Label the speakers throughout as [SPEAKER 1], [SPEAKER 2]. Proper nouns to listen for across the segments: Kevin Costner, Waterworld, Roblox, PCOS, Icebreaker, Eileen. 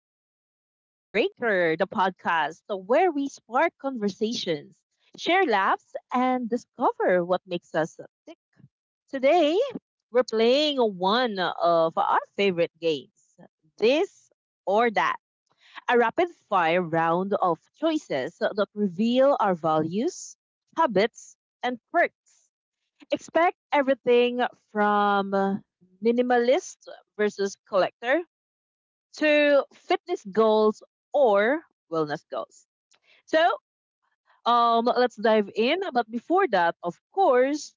[SPEAKER 1] to Icebreaker, the podcast where we spark conversations, share laughs, and discover what makes us tick. Today, we're playing one of our favorite games, this or that, a rapid fire round of choices that reveal our values, habits, and quirks. Expect everything from minimalist versus collector to fitness goals or wellness goals. So, let's dive in. But before that, of course,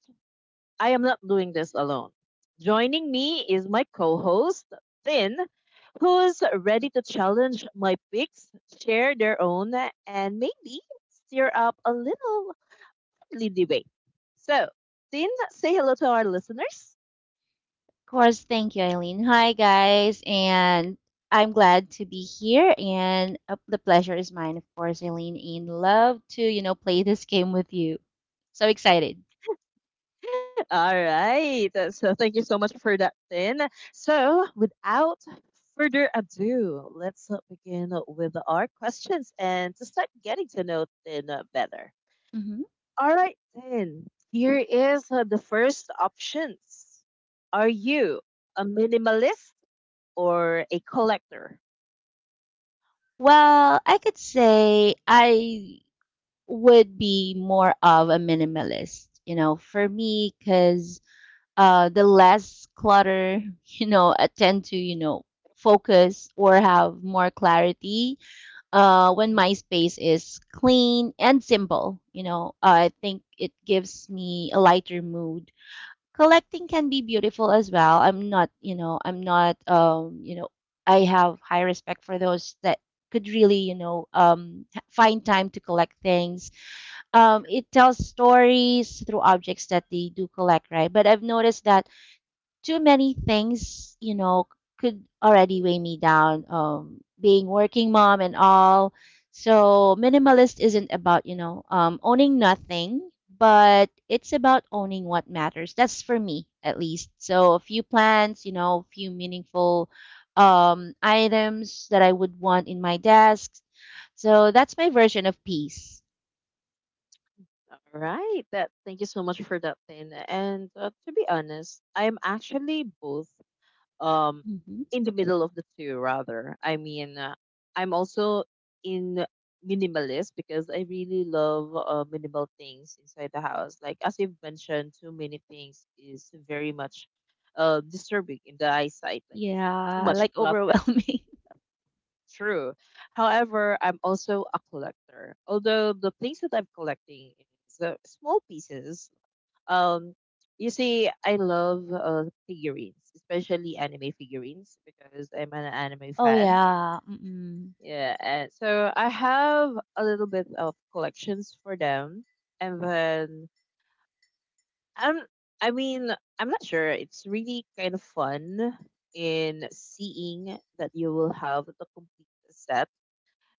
[SPEAKER 1] I am not doing this alone. Joining me is my co host, Finn, who's ready to challenge my picks, share their own, and maybe stir up a little lively debate. So, Finn, say hello to our listeners.
[SPEAKER 2] Course, thank you, Eileen. Hi, guys, and I'm glad to be here, and the pleasure is mine, of course, Eileen. And love to, play this game with you. So excited.
[SPEAKER 1] All right. So thank you so much for that, Tin. So without further ado, let's begin with our questions and to start getting to know Tin better.
[SPEAKER 2] Hmm.
[SPEAKER 1] All right, Tin. Here is the first options. Are you a minimalist or a collector?
[SPEAKER 2] Well, I could say I would be more of a minimalist, for me, because the less clutter, I tend to, focus or have more clarity when
[SPEAKER 1] Mm.
[SPEAKER 2] my space is clean and simple. You know, I think it gives me a lighter mood. Collecting can be beautiful as well. I'm not, I have high respect for those that could really, find time to collect things.
[SPEAKER 1] True.
[SPEAKER 2] It tells stories through objects that they do collect, right? But I've noticed that too many things, could already weigh me down. Being working mom and all. So minimalist isn't about, owning nothing, but it's about owning what matters. That's for me at least. So a few plans, you know, a few meaningful items that I would want in my desk. So that's my version of peace.
[SPEAKER 1] All right. That. Thank you so much for that, Tin. And to be honest, I'm actually both, um
[SPEAKER 2] Hmm.
[SPEAKER 1] in the middle of the two. Rather, I mean, I'm also in minimalist because I really love minimal things inside the house. Like as you've mentioned, too many things is very much disturbing in the eyesight, like too
[SPEAKER 2] Yeah,
[SPEAKER 1] much
[SPEAKER 2] like
[SPEAKER 1] clutter.
[SPEAKER 2] overwhelming.
[SPEAKER 1] True. However, I'm also a collector, although the things that I'm collecting is small pieces. um, you see, I love figurines, especially anime figurines, because I'm an anime
[SPEAKER 2] Oh
[SPEAKER 1] fan.
[SPEAKER 2] yeah. Mm-mm.
[SPEAKER 1] Yeah, and so I have a little bit of collections for them, and then I'm. I mean, I'm not sure. It's really kind of fun in seeing that you will have the complete set,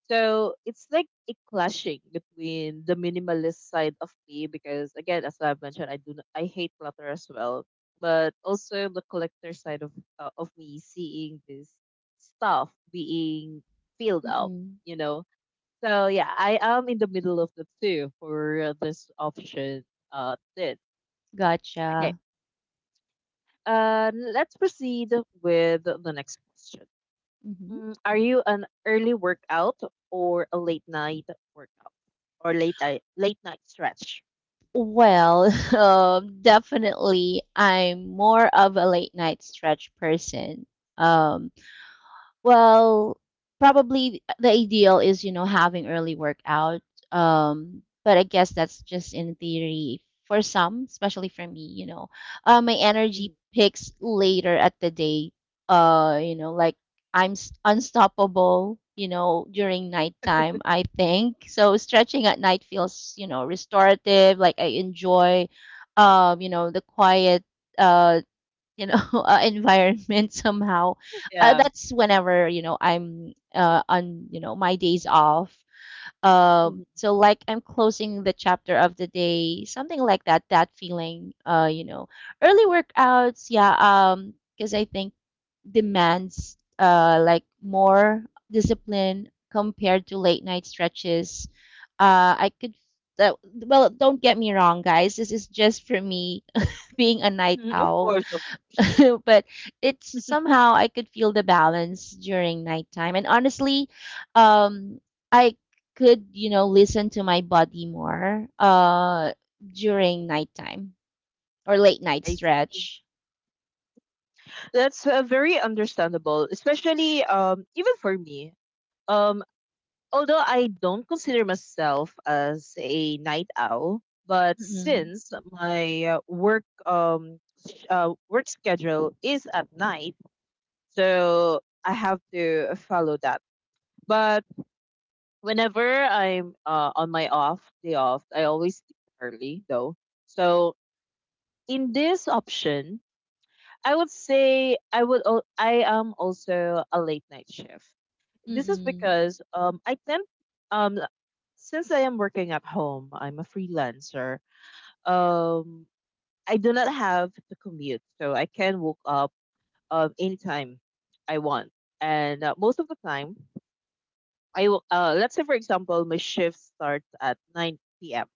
[SPEAKER 1] so it's like a clashing between the minimalist side of me, because again, as I've mentioned, I do not, I hate clutter as well, but also the collector side of me, seeing this stuff being filled up,
[SPEAKER 2] Mm-mm.
[SPEAKER 1] you know. So yeah, I am in the middle of the two for this option. Did Okay.
[SPEAKER 2] Gotcha.
[SPEAKER 1] Let's proceed with the next question.
[SPEAKER 2] Mhm.
[SPEAKER 1] Are you an early workout or a late night workout or late night stretch?
[SPEAKER 2] Well, definitely, I'm more of a late night stretch person. Um, Well, probably the ideal is, you know, having early workout. But I guess that's just in theory for some, especially for me, you know. My
[SPEAKER 1] Mhm.
[SPEAKER 2] energy picks later at the day. You know, like I'm unstoppable, you know, during nighttime, I think. So stretching at night feels, you know, restorative, like I enjoy you know, the quiet uh you know environment somehow
[SPEAKER 1] Yeah.
[SPEAKER 2] that's whenever you know I'm on you know my days off
[SPEAKER 1] Mhm.
[SPEAKER 2] so like I'm closing the chapter of the day, something like that, that feeling you know. Early workouts, yeah, because I think demands like more discipline compared to late night stretches. I could That, well, don't get me wrong, guys, this is just for me, being a night
[SPEAKER 1] Mhm. Of
[SPEAKER 2] owl.
[SPEAKER 1] course, of course.
[SPEAKER 2] But it's somehow I could feel the balance during nighttime. And honestly, um, I could, you know, listen to my body more during nighttime or late night
[SPEAKER 1] I see.
[SPEAKER 2] stretch.
[SPEAKER 1] That's very understandable, especially, even for me. Um Although I don't consider myself as a night owl, but
[SPEAKER 2] Mm-mm,
[SPEAKER 1] since my work schedule is at night, so I have to follow that. But whenever I'm on my off day off, I always sleep early though. So in this option, I would say I am also a late night shift. This is
[SPEAKER 2] mm-mm,
[SPEAKER 1] because I tend um since I am working at home, I'm a freelancer. Um I do not have to commute, so I can woke up anytime I want. And most of the time, let's say for example, my shift starts at 9 p.m.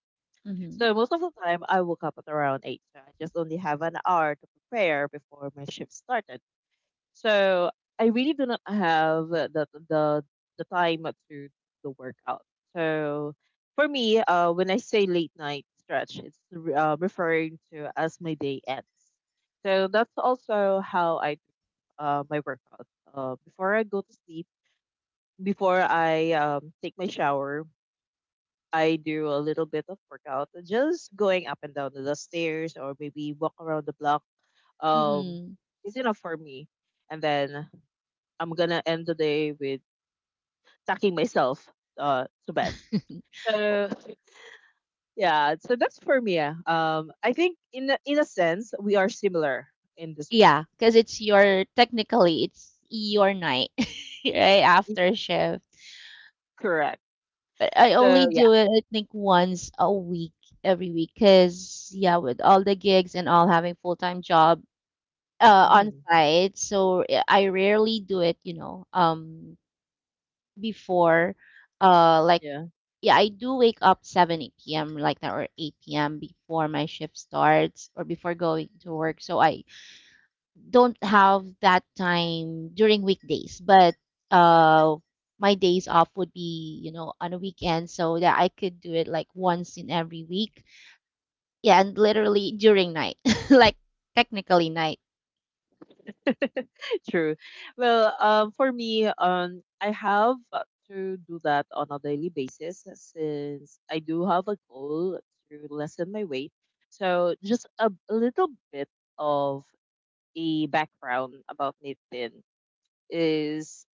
[SPEAKER 2] mm-hmm,
[SPEAKER 1] So most of the time, I woke up at around 8. So I just only have an hour to prepare before my shift started. So I really do not have the time to do the workout. So for me, when I say late night stretch, it's referring to as my day ends. So that's also how I do my workout. Before I go to sleep, before I take my shower, I do a little bit of workout, just going up and down the stairs or maybe walk around the block. Um,
[SPEAKER 2] mm-mm.
[SPEAKER 1] is enough for me. And then I'm gonna end the day with tucking myself to bed. So yeah, so that's for me. Ah. I think, in a sense, we are similar in this one.
[SPEAKER 2] Yeah, because it's your technically it's your night, right?
[SPEAKER 1] Mm.
[SPEAKER 2] After shift.
[SPEAKER 1] Correct.
[SPEAKER 2] But I
[SPEAKER 1] So
[SPEAKER 2] only
[SPEAKER 1] yeah.
[SPEAKER 2] do it, I think, once a week, every week, because yeah, with all the gigs and all having full time job on
[SPEAKER 1] Hmm.
[SPEAKER 2] site, so I rarely do it. You know, before, like
[SPEAKER 1] Yeah.
[SPEAKER 2] yeah, I do wake up 7 8 p.m. like that, or eight p.m. before my shift starts, or before going to work. So I don't have that time during weekdays, but uh, my days off would be, you know, on a weekend so that I could do it like once in every week. Yeah, and literally during night, like technically night.
[SPEAKER 1] True. Well, for me, I have to do that on a daily basis, since I do have a goal to lessen my weight. So just a little bit of a background about Nathan is: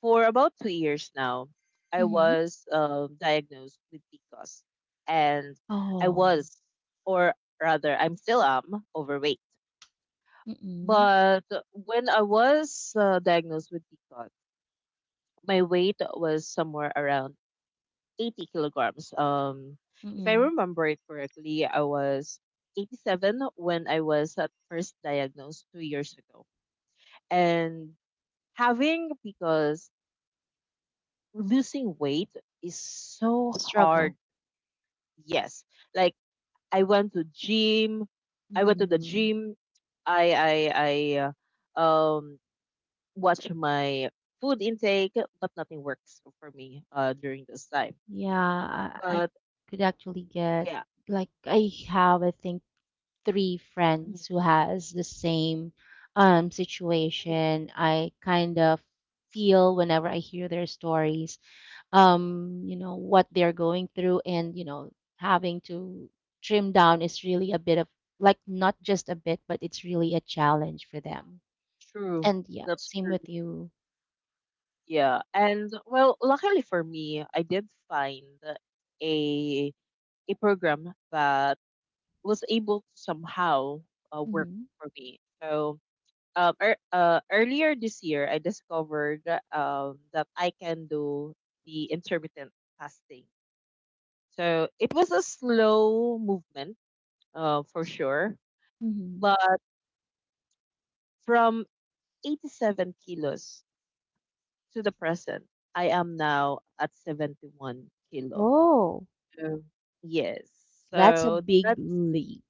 [SPEAKER 1] for about 2 years now, I
[SPEAKER 2] Mm-hmm.
[SPEAKER 1] was diagnosed with PCOS, and I
[SPEAKER 2] Oh,
[SPEAKER 1] was, or rather, I'm still am overweight.
[SPEAKER 2] mm-mm,
[SPEAKER 1] But when I was diagnosed with PCOS, my weight was somewhere around 80 kilograms. If I
[SPEAKER 2] mm-mm.
[SPEAKER 1] remember it correctly, I was 87 when I was at first diagnosed 2 years ago. And having because losing weight is so hard.
[SPEAKER 2] Struggle.
[SPEAKER 1] Yes. Like I went to gym. I went to the
[SPEAKER 2] Mm-mm.
[SPEAKER 1] gym. I I I watch my food intake, but nothing works for me during this time.
[SPEAKER 2] Yeah, I
[SPEAKER 1] But
[SPEAKER 2] could actually get
[SPEAKER 1] yeah.
[SPEAKER 2] like I have, I think, three
[SPEAKER 1] Mhm.
[SPEAKER 2] friends who has the same
[SPEAKER 1] Ooh.
[SPEAKER 2] situation. I kind of feel whenever I hear their stories, you know, what they're going through and, you know, having to trim down is really a bit of like, not just a bit, but it's really a challenge for them.
[SPEAKER 1] True.
[SPEAKER 2] And yeah,
[SPEAKER 1] That's
[SPEAKER 2] same
[SPEAKER 1] true.
[SPEAKER 2] with you.
[SPEAKER 1] Yeah. And well, luckily for me, I did find a a program that was able to somehow work
[SPEAKER 2] Mm-hmm.
[SPEAKER 1] for me. So earlier this year I discovered that I can do the intermittent fasting. So it was a slow movement, for sure,
[SPEAKER 2] Mm-hmm.
[SPEAKER 1] but from 87 kilos to the present, I am now at 71 kilo.
[SPEAKER 2] Oh,
[SPEAKER 1] So, yes.
[SPEAKER 2] that's a
[SPEAKER 1] So
[SPEAKER 2] big
[SPEAKER 1] that's
[SPEAKER 2] leap.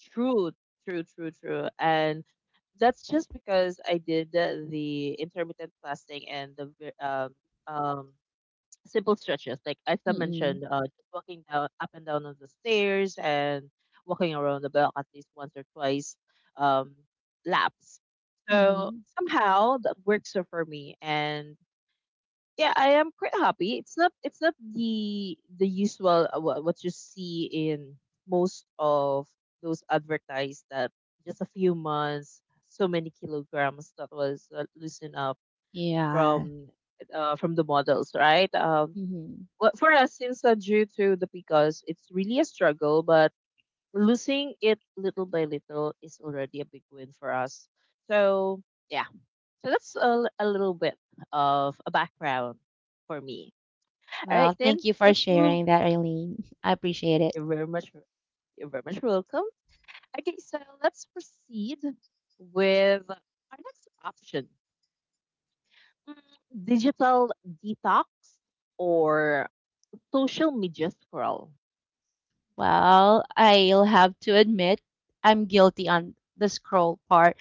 [SPEAKER 1] true, true, true, true. And that's just because I did the intermittent fasting and um, simple stretches. Like Isa
[SPEAKER 2] Mm-mm.
[SPEAKER 1] mentioned, just walking down, up and down on the stairs and walking around the block at least once or twice um, laps. So
[SPEAKER 2] Mm-hmm.
[SPEAKER 1] somehow that works out for me, and yeah, I am quite happy. It's not the usual, what you see in most of those advertised, that just a few months, so many kilograms that was loosened up
[SPEAKER 2] Yeah.
[SPEAKER 1] from from the models, right? Well, for us, since due to the pickles, it's really a struggle, but losing it little by little is already a big win for us. So, yeah. So that's a little bit of a background for me. All right,
[SPEAKER 2] Well, thank
[SPEAKER 1] then
[SPEAKER 2] you for
[SPEAKER 1] let's move.
[SPEAKER 2] sharing that, Eileen. I appreciate it.
[SPEAKER 1] You're very much, you're very much welcome. Okay, so let's proceed with our next option: Mm, digital detox or social media scroll.
[SPEAKER 2] Well, I'll have to admit I'm guilty on the scroll part.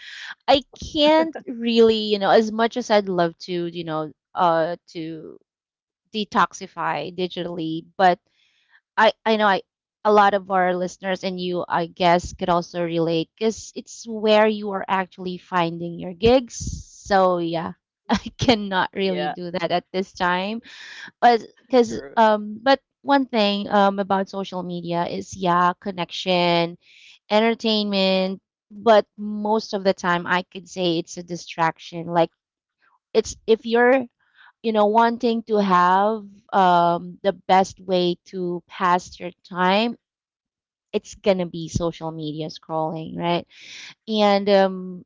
[SPEAKER 2] I can't really, you know, as much as I'd love to, to detoxify digitally, but I know I a lot of our listeners and you, I guess, could also relate because it's where you are actually finding your gigs. So yeah, I
[SPEAKER 1] Mm.
[SPEAKER 2] cannot really
[SPEAKER 1] Yeah,
[SPEAKER 2] do that at this time because
[SPEAKER 1] true.
[SPEAKER 2] but one thing about social media is yeah connection entertainment. But most of the time I could say it's a distraction. Like it's, if you're, you know, wanting to have the best way to pass your time, it's gonna be social media scrolling, right? And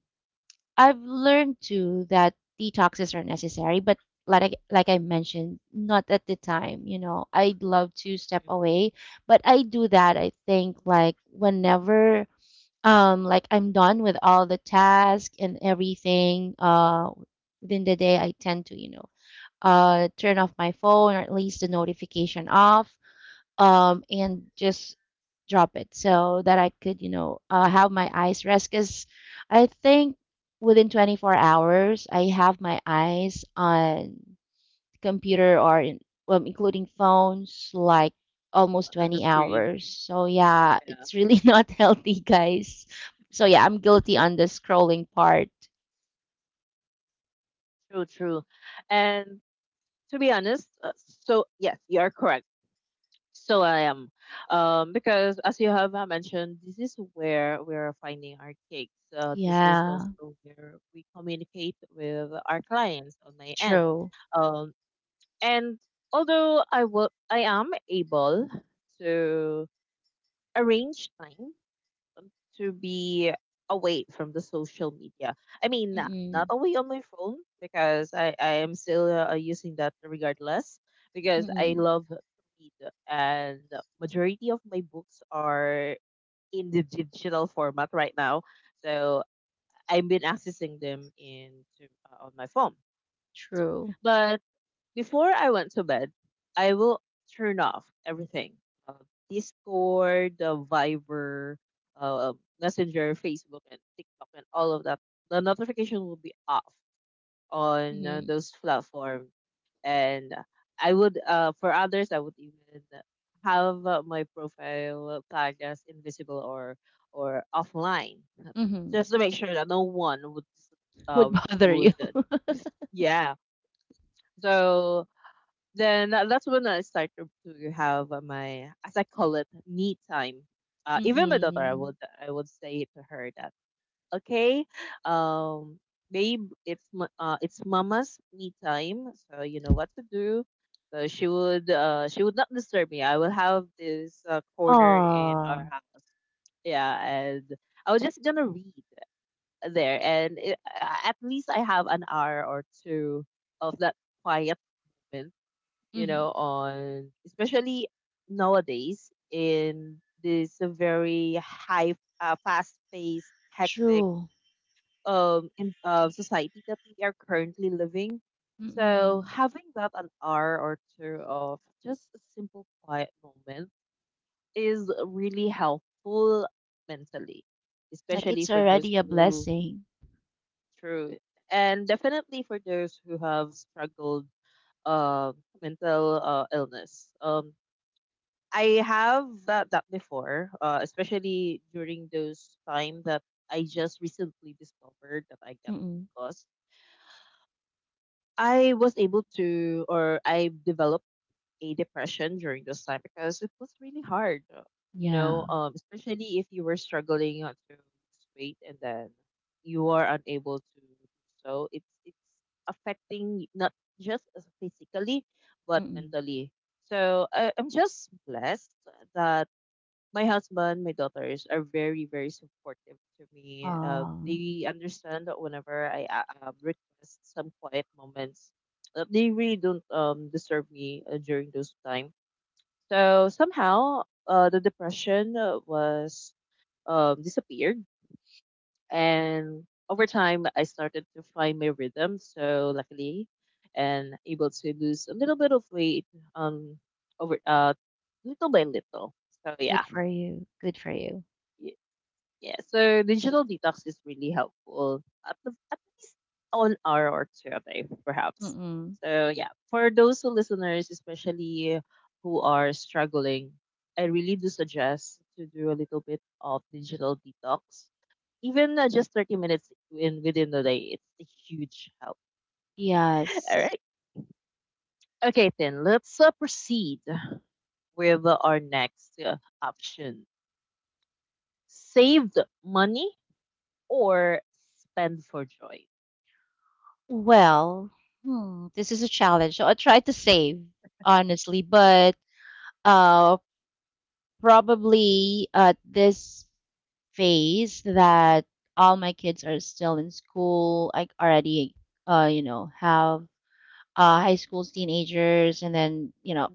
[SPEAKER 2] I've learned too that detoxes are necessary, but like I mentioned, not at the time. You know, I'd love to step away, but I do that, I think, like whenever like I'm done with all the tasks and everything within the day, I tend to you know turn off my phone, or at least the notification off, and just drop it so that I could, you know, have my eyes rest. Because I think within 24 hours, I have my eyes on computer or in, well, including phones, like almost
[SPEAKER 1] On the
[SPEAKER 2] 20
[SPEAKER 1] screen.
[SPEAKER 2] hours. So yeah,
[SPEAKER 1] Yeah,
[SPEAKER 2] it's really not healthy, guys. So yeah, I'm guilty on the
[SPEAKER 1] true,
[SPEAKER 2] scrolling part.
[SPEAKER 1] true, true. And to be honest, so yes, you are correct. So because, as you have mentioned, this is where we are finding our gigs. This is
[SPEAKER 2] Yeah,
[SPEAKER 1] also where we communicate with our clients on my end.
[SPEAKER 2] true.
[SPEAKER 1] Um, and although I am able to arrange time to be away from the social media. I mean, not
[SPEAKER 2] Mm-mm,
[SPEAKER 1] away on my phone, because I am still using that regardless, because I
[SPEAKER 2] mm-mm,
[SPEAKER 1] love to read and majority of my books are in the digital format right now. So I've been accessing them into on my phone.
[SPEAKER 2] true.
[SPEAKER 1] But before I went to bed, I will turn off everything. Uh, Discord, the Viber, uh, Messenger, Facebook, and TikTok, and all of that. The notification will be off on
[SPEAKER 2] Mm-hmm,
[SPEAKER 1] those platforms. And I would, for others, I would even have my profile tagged as invisible or offline,
[SPEAKER 2] mm-hmm.
[SPEAKER 1] just to make sure that no one uh,
[SPEAKER 2] Would bother you.
[SPEAKER 1] would, yeah. So then that's when I started to have my, as I call it, me time. Even my daughter, I
[SPEAKER 2] Mm-mm.
[SPEAKER 1] would, say to her that, okay, um, babe, it's mama's me time, so you know what to do. So she would not disturb me. I will have this corner in
[SPEAKER 2] Aw.
[SPEAKER 1] our house. Yeah, and I was just gonna read there, and at least I have an hour or two of that quiet moment,
[SPEAKER 2] Mm-hmm.
[SPEAKER 1] on especially nowadays in this very high, fast-paced, hectic,
[SPEAKER 2] True.
[SPEAKER 1] in society that we are currently living. So
[SPEAKER 2] Mm.
[SPEAKER 1] having that an hour or two of just a simple quiet moment is really helpful mentally,
[SPEAKER 2] Like
[SPEAKER 1] especially
[SPEAKER 2] it's
[SPEAKER 1] for those
[SPEAKER 2] already a
[SPEAKER 1] who
[SPEAKER 2] blessing.
[SPEAKER 1] through, and definitely for those who have struggled, mental illness. I have that before, especially during those time that I just recently discovered that I got,
[SPEAKER 2] Mm.
[SPEAKER 1] because I was able to or I developed a depression during this time, because it was really hard,
[SPEAKER 2] Yeah.
[SPEAKER 1] especially if you were struggling to lose weight and then you are unable to do so. It's affecting not just as physically but
[SPEAKER 2] Mm.
[SPEAKER 1] mentally. So I'm just blessed that my husband, my daughters are very, very supportive to me.
[SPEAKER 2] Oh,
[SPEAKER 1] They understand that whenever I request some quiet moments, that they really don't disturb me during those time. So somehow, the depression was, disappeared, and over time, I started to find my rhythm. So luckily, and able to lose a little bit of weight um over, little by little. So yeah.
[SPEAKER 2] good for you. Good for you.
[SPEAKER 1] Yeah, so digital detox is really helpful at least an hour or two a day, perhaps.
[SPEAKER 2] Mm.
[SPEAKER 1] So yeah, for those who listeners, especially who are struggling, I really do suggest to do a little bit of digital detox, even just 30 minutes in within the day. It's a huge help. All
[SPEAKER 2] Yes.
[SPEAKER 1] right, okay then let's proceed with our next option: saved money or spend for joy.
[SPEAKER 2] Well, hmm, this is a challenge. So I try to save, honestly, but uh, probably at this phase that all my kids are still in school, I already you know, have high schools, teenagers, and then you know,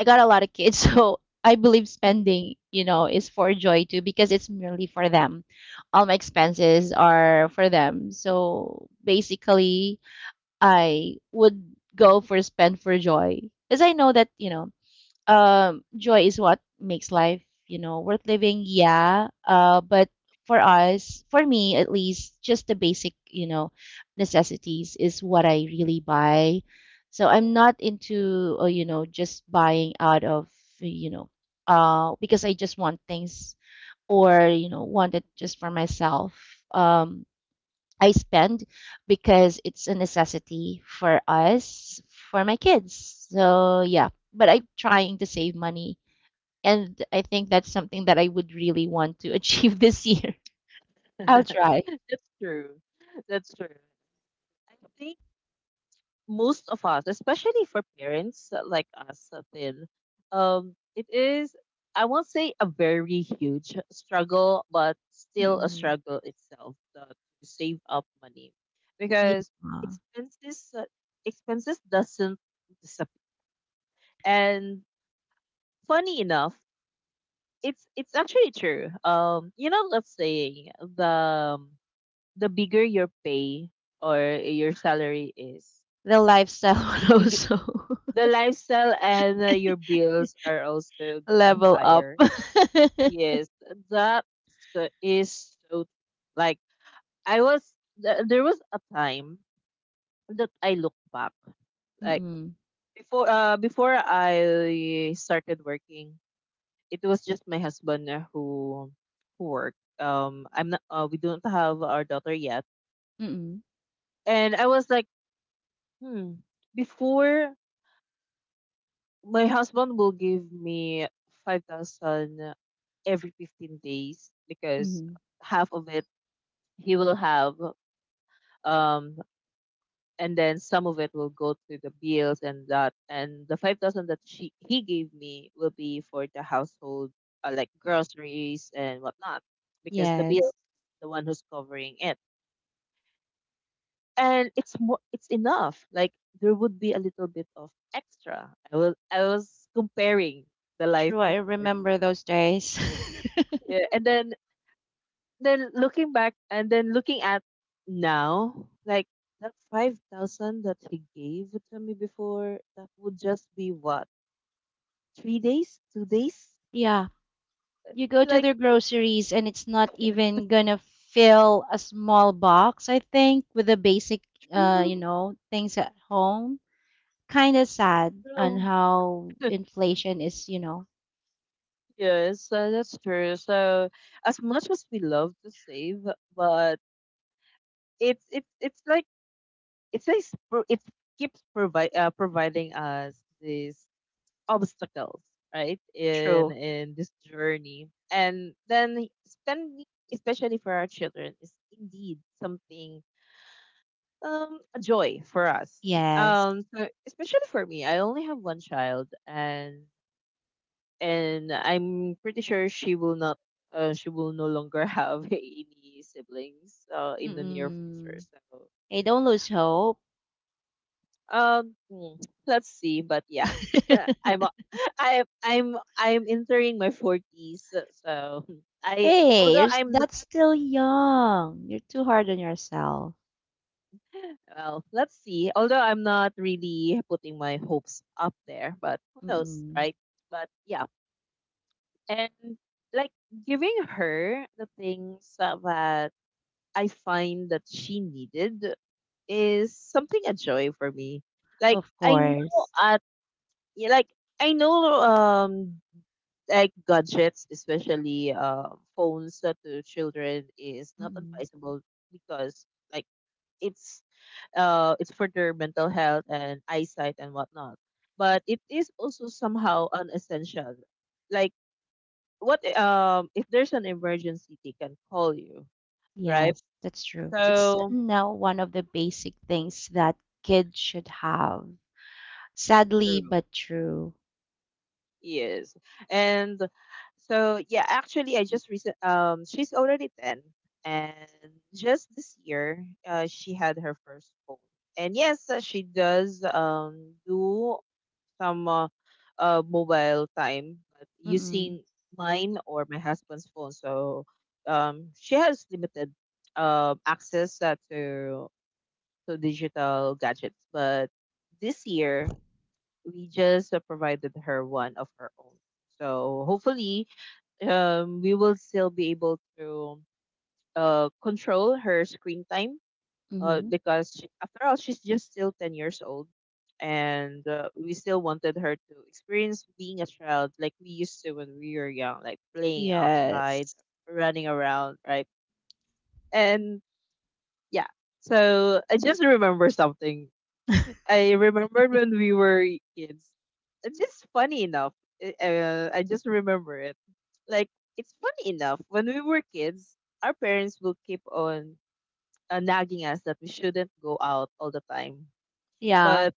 [SPEAKER 2] I got a lot of kids, so I believe spending, you know, is for joy too because it's merely for them. All my expenses are for them, so basically, I would go for spend for joy because I know that you know joy is what makes life you know worth living, yeah. But for us, for me at least, just the basic, you know, necessities is what I really buy. So I'm not into you know, just buying out of, you know, because I just want things, or you know, want it just for myself. I spend because it's a necessity for us, for my kids. So, yeah, but I'm trying to save money. And I think that's something that I would really want to achieve this year. I'll try.
[SPEAKER 1] That's true. That's true. I think most of us, especially for parents like us, then, it is, I won't say a very huge struggle, but still a
[SPEAKER 2] Mm-mm.
[SPEAKER 1] struggle itself to save up money
[SPEAKER 2] Yeah.
[SPEAKER 1] because expenses, expenses doesn't disappear. And funny enough, it's actually true. You know, let's say the the bigger your pay or your salary is,
[SPEAKER 2] The lifestyle
[SPEAKER 1] the
[SPEAKER 2] would
[SPEAKER 1] big
[SPEAKER 2] also
[SPEAKER 1] the lifestyle and your bills are also getting
[SPEAKER 2] level up.
[SPEAKER 1] higher. Yes, that is so. Like I was, there was a time that I look back, like
[SPEAKER 2] Mm-mm.
[SPEAKER 1] before, before I started working, it was just my husband who worked. I'm not. We don't have our daughter yet,
[SPEAKER 2] Mm-mm.
[SPEAKER 1] and I was like, hmm. Before my husband will give me 5000 every 15 days because
[SPEAKER 2] Mm-mm.
[SPEAKER 1] half of it he will have um and then some of it will go to the bills and that and the 5000 that she he gave me will be for the household, like groceries and whatnot because the bill
[SPEAKER 2] Yes.
[SPEAKER 1] is the one who's covering it and it's more, it's enough. Like there would be a little bit of extra. I was comparing the life
[SPEAKER 2] True. I
[SPEAKER 1] before,
[SPEAKER 2] remember those days.
[SPEAKER 1] yeah, and then looking back and then looking at now, like that 5,000 that he gave to me before, that would just be what, 3 days, 2 days,
[SPEAKER 2] Yeah. You go to
[SPEAKER 1] like
[SPEAKER 2] their groceries and it's not even gonna fill a small box, I think, with the basic, you
[SPEAKER 1] true,
[SPEAKER 2] know, things at home. Kind of sad on
[SPEAKER 1] true.
[SPEAKER 2] how inflation is, you know,
[SPEAKER 1] Yes, that's true. So as much as we love to save, but it's like it's like it keeps provide providing us this obstacles, right?
[SPEAKER 2] true.
[SPEAKER 1] In this journey. And then spending, especially for our children, is indeed something, a joy for us.
[SPEAKER 2] Yes.
[SPEAKER 1] Um, so especially for me, I only have one child, and I'm pretty sure she will not she will no longer have any siblings in the near future.
[SPEAKER 2] Mm-mm.
[SPEAKER 1] So
[SPEAKER 2] Hey, don't lose hope.
[SPEAKER 1] um, hmm, let's see, but yeah, I'm a- I'm entering my forties, so I,
[SPEAKER 2] Hey, you're,
[SPEAKER 1] although I'm not,
[SPEAKER 2] that's still young. You're too hard on yourself.
[SPEAKER 1] well, let's see. Although I'm not really putting my hopes up there, but who knows,
[SPEAKER 2] Mm-mm.
[SPEAKER 1] right? But yeah, and like giving her the things that I find that she needed is something, a joy for me. Like
[SPEAKER 2] Of
[SPEAKER 1] I know
[SPEAKER 2] course.
[SPEAKER 1] at, yeah, like I know, like gadgets, especially phones to children, is not advisable because like it's it's for their mental health and eyesight and whatnot. But it is also somehow unessential. Like what, if there's an emergency, they can call you, right?
[SPEAKER 2] Yes, that's true. It's
[SPEAKER 1] So
[SPEAKER 2] now one of the basic things that kids should have. Sadly,
[SPEAKER 1] true.
[SPEAKER 2] but true.
[SPEAKER 1] Yes. And so yeah, actually I just recent, she's already 10, and just this year she had her first phone. And yes, she does do some mobile time but
[SPEAKER 2] Mm-mm.
[SPEAKER 1] using mine or my husband's phone. So she has limited access, to digital gadgets, but this year we just provided her one of her own. So hopefully, we will still be able to control her screen time.
[SPEAKER 2] Mm-hmm.
[SPEAKER 1] Because she, after all, she's just still 10 years old, and we still wanted her to experience being a child like we used to when we were young, like playing outside,
[SPEAKER 2] Yes.
[SPEAKER 1] running around, right? And yeah, so I just remember something. I remembered when we were kids. It's just funny enough. I just remember it. Like it's funny enough when we were kids, our parents will keep on nagging us that we shouldn't go out all the time.
[SPEAKER 2] Yeah,
[SPEAKER 1] But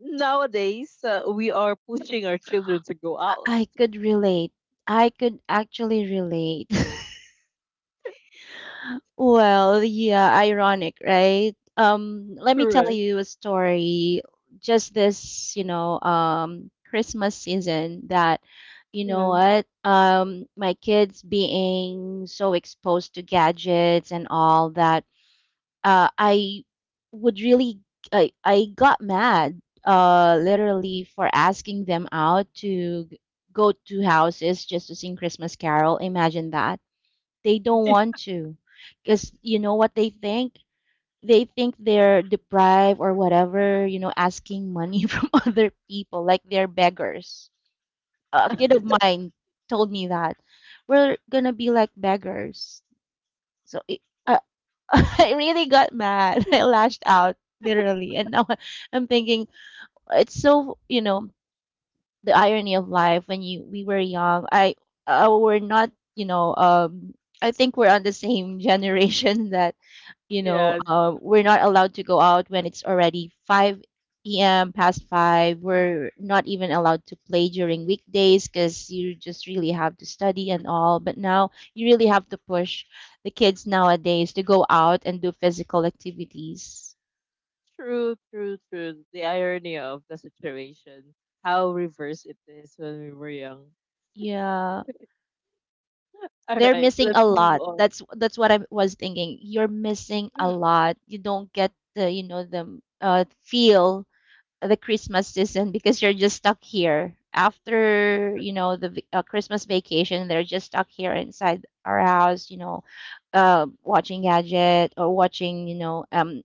[SPEAKER 1] nowadays, we are pushing our children to go
[SPEAKER 2] I
[SPEAKER 1] out.
[SPEAKER 2] I could relate. I could actually relate. Well, yeah, ironic, right? Let me tell
[SPEAKER 1] Correct.
[SPEAKER 2] you a story. Just this, you know, Christmas season that, you know
[SPEAKER 1] Yeah.
[SPEAKER 2] what, my kids being so exposed to gadgets and all that, I would really, I got mad, literally, for asking them out to go to houses just to sing Christmas Carol. Imagine that they don't want to. Because you know what they think? They think they're deprived or whatever, you know, asking money from other people, like they're beggars. A kid of mine told me that. We're gonna be like beggars. So it, uh, I really got mad. I lashed out, literally. And now I'm thinking, it's so, you know, the irony of life. When you we were young, I we're not, you know, I think we're on the same generation that you know
[SPEAKER 1] Yes.
[SPEAKER 2] we're not allowed to go out when it's already 5 p.m., past 5 we're not even allowed to play during weekdays because you just really have to study and all. But now you really have to push the kids nowadays to go out and do physical activities.
[SPEAKER 1] True. True. True. The irony of the situation. How reverse it is when we were young.
[SPEAKER 2] Yeah,
[SPEAKER 1] All
[SPEAKER 2] they're
[SPEAKER 1] right,
[SPEAKER 2] missing
[SPEAKER 1] let's
[SPEAKER 2] a
[SPEAKER 1] move
[SPEAKER 2] lot.
[SPEAKER 1] on.
[SPEAKER 2] That's what I was thinking. You're missing a
[SPEAKER 1] Mm,
[SPEAKER 2] lot, you don't get the, you know, the feel of the Christmas season because you're just stuck here after,
[SPEAKER 1] tr-
[SPEAKER 2] you know, the Christmas vacation. They're just stuck here inside our house, you know, watching gadget or watching, you know,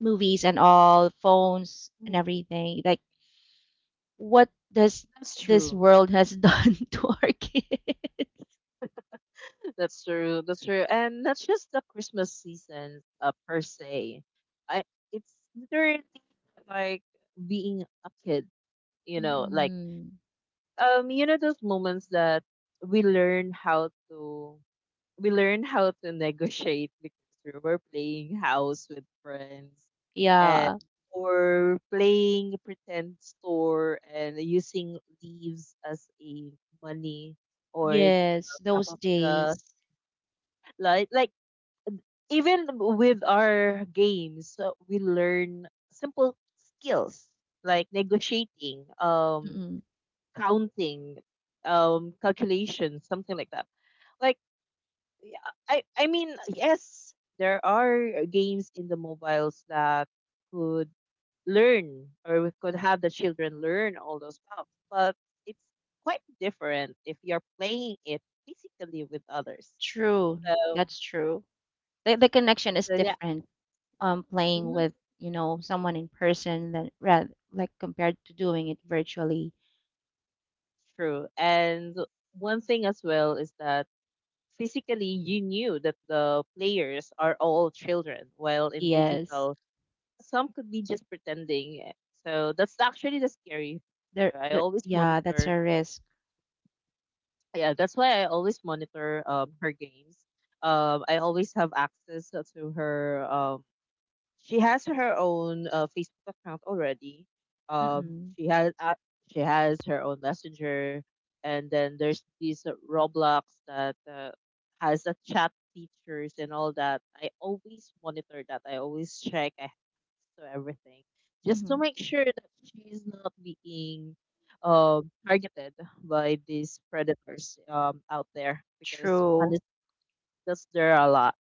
[SPEAKER 2] movies and all, phones and
[SPEAKER 1] mm,
[SPEAKER 2] everything. Like, what does
[SPEAKER 1] that's
[SPEAKER 2] this
[SPEAKER 1] true.
[SPEAKER 2] world has done to our kids?
[SPEAKER 1] That's true. That's true. And that's just the Christmas season per se. I, it's literally like being a kid, you know, like
[SPEAKER 2] Mm-mm.
[SPEAKER 1] you know those moments that we learn how to we learn how to negotiate because we were playing house with friends and
[SPEAKER 2] Yeah.
[SPEAKER 1] or playing pretend store and using leaves as a money or
[SPEAKER 2] Yes,
[SPEAKER 1] the top
[SPEAKER 2] those
[SPEAKER 1] of the
[SPEAKER 2] days.
[SPEAKER 1] like even with our games, we learn simple skills like negotiating,
[SPEAKER 2] Mm-mm.
[SPEAKER 1] counting, calculations, something like that. Like yeah, I mean, yes, there are games in the mobiles that could learn or we could have the children learn all those stuff, but it's quite different if you're playing it physically with others.
[SPEAKER 2] True.
[SPEAKER 1] So,
[SPEAKER 2] That's true. The connection is
[SPEAKER 1] so yeah,
[SPEAKER 2] different. Playing
[SPEAKER 1] mhm,
[SPEAKER 2] with, you know, someone in person than rather like compared to doing it virtually.
[SPEAKER 1] true. And one thing as well is that physically you knew that the players are all children, while in
[SPEAKER 2] Yes.
[SPEAKER 1] digital some could be just pretending. So that's actually the scary factor. I always
[SPEAKER 2] Yeah, that's a
[SPEAKER 1] monitor.
[SPEAKER 2] risk.
[SPEAKER 1] Yeah, that's why I always monitor her games. I always have access to her, she has her own Facebook account already. Um,
[SPEAKER 2] Mm-mm.
[SPEAKER 1] she has uh, she has her own messenger, and then there's these Roblox that has the chat features and all that. I always monitor that. I always check. I to everything just to
[SPEAKER 2] Mm-hmm.
[SPEAKER 1] make sure that she's not being, targeted by these predators, out there because
[SPEAKER 2] True.
[SPEAKER 1] honestly, 'cause there are a lot.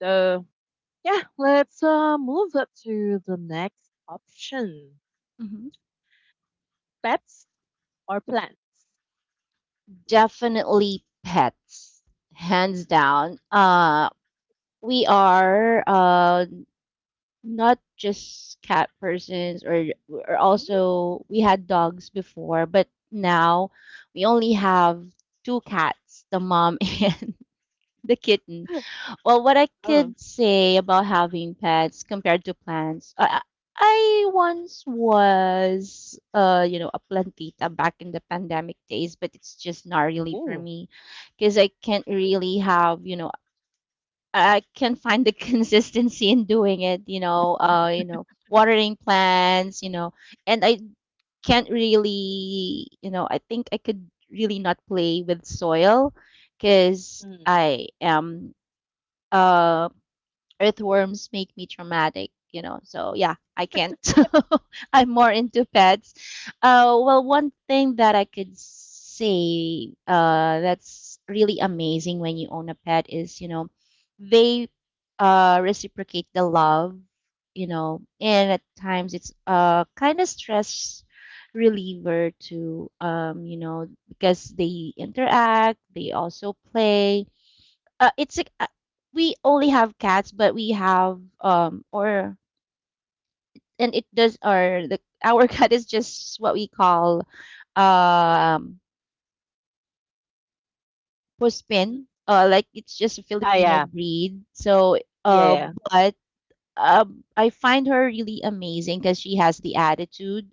[SPEAKER 1] So. Yeah, let's move up to the next option.
[SPEAKER 2] Mm-hmm.
[SPEAKER 1] Pets or plants?
[SPEAKER 2] Definitely pets, hands down. We are not just cat persons or
[SPEAKER 1] Mm.
[SPEAKER 2] also we had dogs before, but now we only have two cats, the mom and the kitten. Well, what I
[SPEAKER 1] Oh,
[SPEAKER 2] could say about having pets compared to plants, I once was you know a plantita back in the pandemic days, but it's just not really for
[SPEAKER 1] ooh.
[SPEAKER 2] me because I can't really have you know, I can find the consistency in doing it, you know, watering plants, and I can't really, you know, I think I could really not play with soil because
[SPEAKER 1] Mm.
[SPEAKER 2] I am uh earthworms make me traumatic, you know, so yeah, I can't. I'm more into pets. Well one thing that I could say that's really amazing when you own a pet is you know, they reciprocate the love, you know, and at times it's kind of stress reliever to you know, because they interact, they also play. It's like, we only have cats, but we have or and it does or the our cat is just what we call um
[SPEAKER 1] Mm.
[SPEAKER 2] puspin. Like it's just a
[SPEAKER 1] Ah,
[SPEAKER 2] Filipino
[SPEAKER 1] yeah.
[SPEAKER 2] breed. So
[SPEAKER 1] Yeah,
[SPEAKER 2] uh,
[SPEAKER 1] yeah.
[SPEAKER 2] but I find her really amazing because she has the attitude,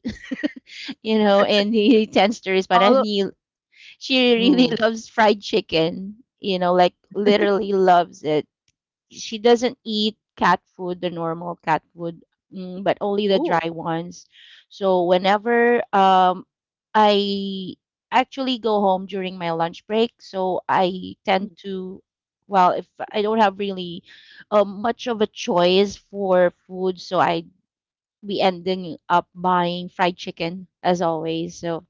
[SPEAKER 2] you know, and he tends to respond. And
[SPEAKER 1] All
[SPEAKER 2] he, she really
[SPEAKER 1] true.
[SPEAKER 2] loves fried chicken, you know, like literally loves it. She doesn't eat cat food, the normal cat food, mm, but only the
[SPEAKER 1] Ooh.
[SPEAKER 2] dry ones. So whenever I actually go home during my lunch break, so I
[SPEAKER 1] Mm.
[SPEAKER 2] tend to, well, if I don't have really much of a choice for food, so I be ending up buying fried chicken as always. So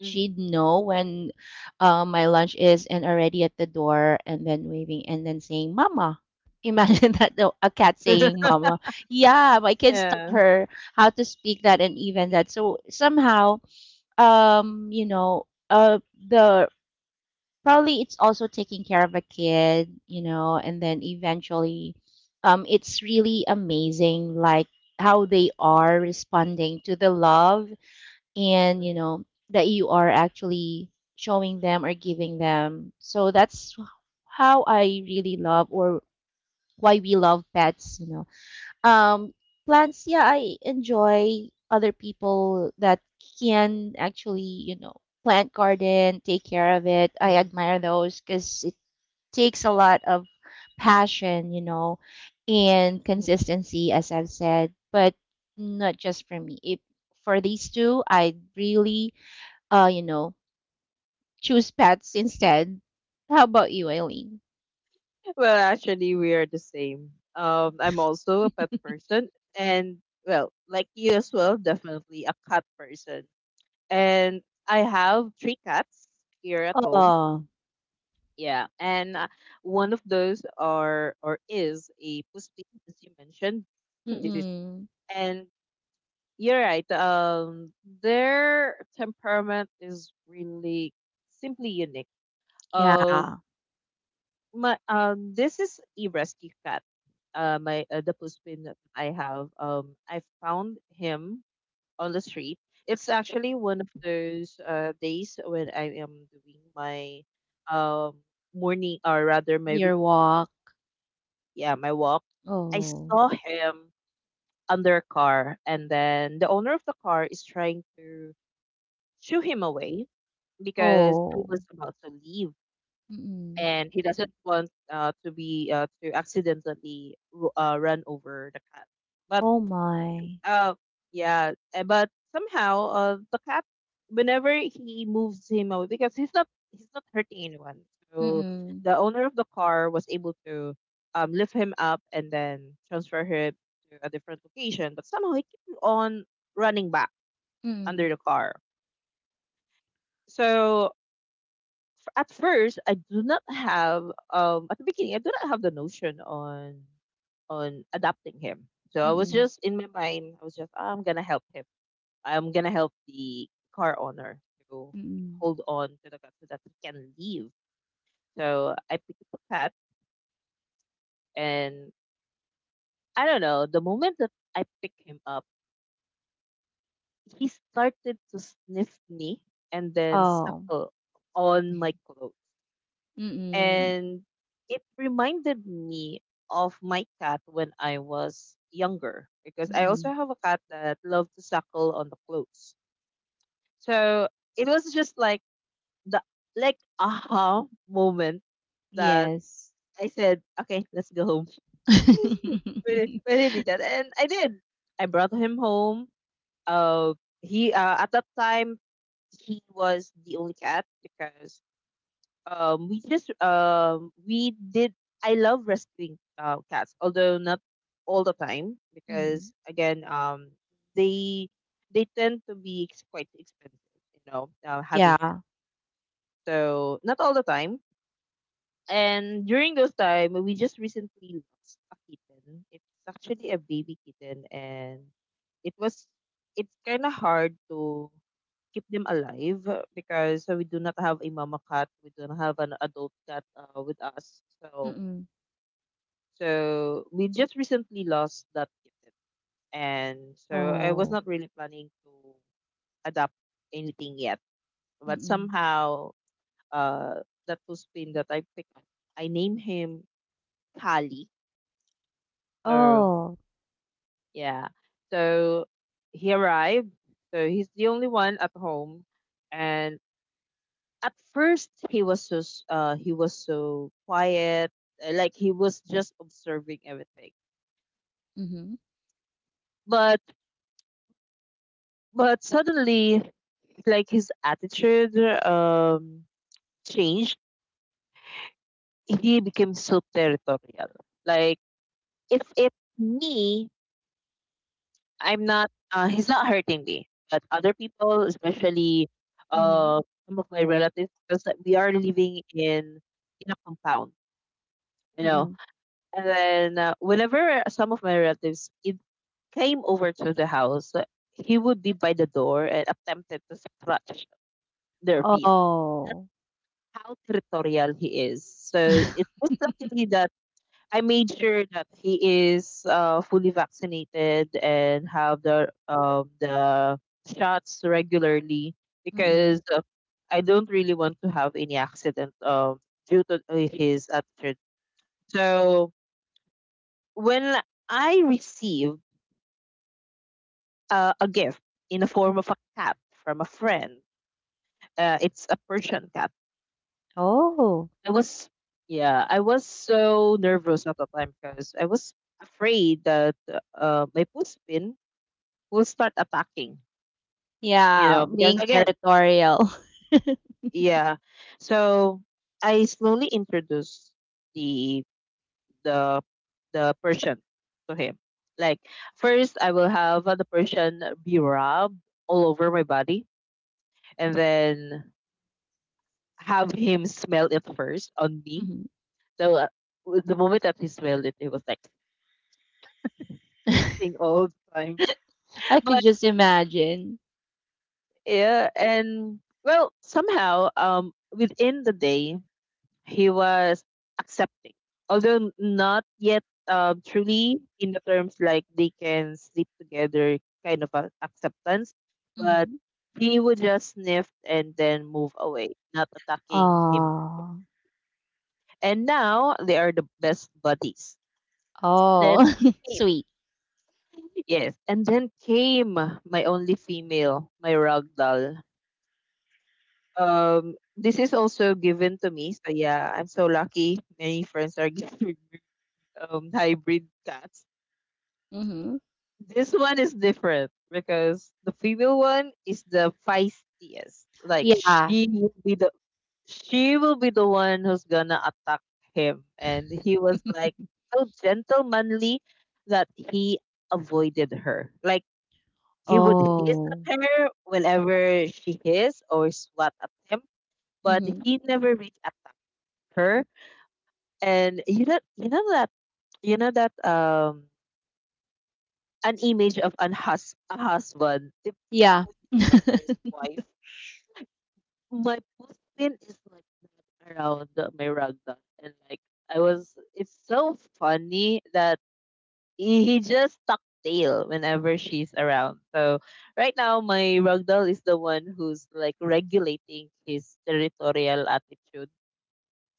[SPEAKER 1] Mm.
[SPEAKER 2] she'd know when my lunch is and already at the door, and then waving and then saying mama. Imagine that, a cat saying mama. Yeah, my kids taught
[SPEAKER 1] Yeah.
[SPEAKER 2] her how to speak that and even that. So somehow, you know the probably it's also taking care of a kid, you know, and then eventually it's really amazing, like how they are responding to the love, and you
[SPEAKER 1] Mm,
[SPEAKER 2] know that you are actually showing them or giving them. So that's how I really love, or why we love pets, um plants. Yeah, I enjoy other people that can actually, you know, plant garden, take care of it. I
[SPEAKER 1] mm,
[SPEAKER 2] admire those because it takes a lot of passion, you know, and
[SPEAKER 1] mm.
[SPEAKER 2] consistency, as I've said. But not just for me it, for these two, I really you know, choose pets instead. How about you, Eileen?
[SPEAKER 1] Well, actually, we are the same. I'm also a pet person, and well, like you as well, definitely a cat person. And I have three cats here at home.
[SPEAKER 2] Oh,
[SPEAKER 1] Yeah, and one of those are or is a posting, as you mentioned. It is,
[SPEAKER 2] mm-mm.
[SPEAKER 1] and you're right. Their temperament is really simply unique. Uh,
[SPEAKER 2] Yeah,
[SPEAKER 1] my this is a rescue cat. My the postman that I have. I found him on the street. It's actually one of those days when I am doing my um morning or rather my,
[SPEAKER 2] deer walk.
[SPEAKER 1] yeah, my walk, I
[SPEAKER 2] Oh,
[SPEAKER 1] saw him under a car, and then the owner of the car is trying to shoo him away because he
[SPEAKER 2] oh,
[SPEAKER 1] was about to leave,
[SPEAKER 2] mm-mm.
[SPEAKER 1] and he doesn't want to be to accidentally run over the cat. But
[SPEAKER 2] Oh my.
[SPEAKER 1] oh, yeah. But somehow, the cat, whenever he moves him out because he's not hurting anyone. So
[SPEAKER 2] Mm-mm.
[SPEAKER 1] the owner of the car was able to lift him up and then transfer him to a different location. But somehow he kept on running back
[SPEAKER 2] Mm-mm.
[SPEAKER 1] under the car. So at first, I do not have at the beginning, I do not have the notion on adopting him. So I was
[SPEAKER 2] Mm-mm.
[SPEAKER 1] just in my mind, I was just, "Ah, I'm gonna help him, I'm gonna help the car owner to
[SPEAKER 2] Mm-mm.
[SPEAKER 1] hold on to the cat so that he can leave." So I picked up the cat, and I don't know. The moment that I picked him up, he started to sniff me and then
[SPEAKER 2] Oh,
[SPEAKER 1] suckle on my clothes,
[SPEAKER 2] mm-mm.
[SPEAKER 1] and it reminded me of my cat when I was younger because I also
[SPEAKER 2] Mm-mm.
[SPEAKER 1] have a cat that loved to suckle on the clothes. So it was just like the, like aha moment that
[SPEAKER 2] Yes.
[SPEAKER 1] I said, okay, let's go home. When I did that, and I did. I brought him home. Uh, he at that time he was the only cat because we did. I love rescuing cats, although not all the time
[SPEAKER 2] Mm-hmm.
[SPEAKER 1] because again, they tend to be quite expensive, you know, having pets.
[SPEAKER 2] Yeah.
[SPEAKER 1] So not all the time. And during those time, we just recently lost a kitten. It's actually a baby kitten, and it was it's kind of hard to keep them alive because we do not have a mama cat. We don't have an adult cat with us. So
[SPEAKER 2] Mm-mm.
[SPEAKER 1] so we just recently lost that kitten, and so I was
[SPEAKER 2] Oh.
[SPEAKER 1] not really planning to adopt anything yet. But
[SPEAKER 2] Mm-mm.
[SPEAKER 1] somehow, that was pin that I picked up, I named him Kali. So
[SPEAKER 2] Oh.
[SPEAKER 1] yeah. So he arrived. So he's the only one at home. And at first he was so he was so quiet, like he was just observing everything.
[SPEAKER 2] Mm-hmm.
[SPEAKER 1] But suddenly like his attitude um changed. He became so territorial. Like if it's me, I'm not, he's not hurting me, but other people, especially
[SPEAKER 2] Mm-hmm.
[SPEAKER 1] uh, some of my relatives, because like, we are living in a compound, you know.
[SPEAKER 2] Mm-mm.
[SPEAKER 1] And then whenever some of my relatives it came over to the house, he would be by the door and attempted to scratch their feet. That's
[SPEAKER 2] Oh.
[SPEAKER 1] how territorial he is. So it was luckily that I made sure that he is fully vaccinated and have the shots regularly because
[SPEAKER 2] Mm-mm.
[SPEAKER 1] I don't really want to have any accident due to his attitude. So when I received a gift in the form of a cat from a friend, it's a Persian cat.
[SPEAKER 2] Oh,
[SPEAKER 1] I was yeah, I was so nervous at the time because I was afraid that my puspin will start attacking, you know,
[SPEAKER 2] yeah,
[SPEAKER 1] because
[SPEAKER 2] being
[SPEAKER 1] again,
[SPEAKER 2] territorial.
[SPEAKER 1] yeah. So I slowly introduce the the the Persian to him. Like first I will have the Persian be rubbed all over my body and then have him smell it first on me.
[SPEAKER 2] Mhm.
[SPEAKER 1] So with the moment that he smelled it, it was like this thing all the time.
[SPEAKER 2] I could
[SPEAKER 1] But
[SPEAKER 2] just imagine.
[SPEAKER 1] yeah, and well, somehow within the day he was accepting, although not yet truly in the terms like they can sleep together kind of a acceptance, but
[SPEAKER 2] Hmm.
[SPEAKER 1] he would just sniff and then move away, not attacking him.
[SPEAKER 2] Oh,
[SPEAKER 1] And now they are the best buddies. Then
[SPEAKER 2] oh,
[SPEAKER 1] came-
[SPEAKER 2] sweet.
[SPEAKER 1] yes, and then came my only female, my ragdoll. This is also given to me, so yeah, I'm so lucky. Many friends are giving me hybrid cats.
[SPEAKER 2] Hmm.
[SPEAKER 1] This one is different because the female one is the feistiest. Like
[SPEAKER 2] Yeah.
[SPEAKER 1] she will be the one who's gonna attack him. And he was like so gentlemanly that he avoided her. Like he would hiss
[SPEAKER 2] Oh.
[SPEAKER 1] at her whenever she hissed or swat at him, but
[SPEAKER 2] Hmm.
[SPEAKER 1] he never really attacked her. And you know that an image of an a husband
[SPEAKER 2] Yeah.
[SPEAKER 1] tiptoeing around his wife. My pin is like not around my ragdoll, and like I was. It's so funny that he just tuck tail whenever she's around. So right now, my ragdoll is the one who's like regulating his territorial attitude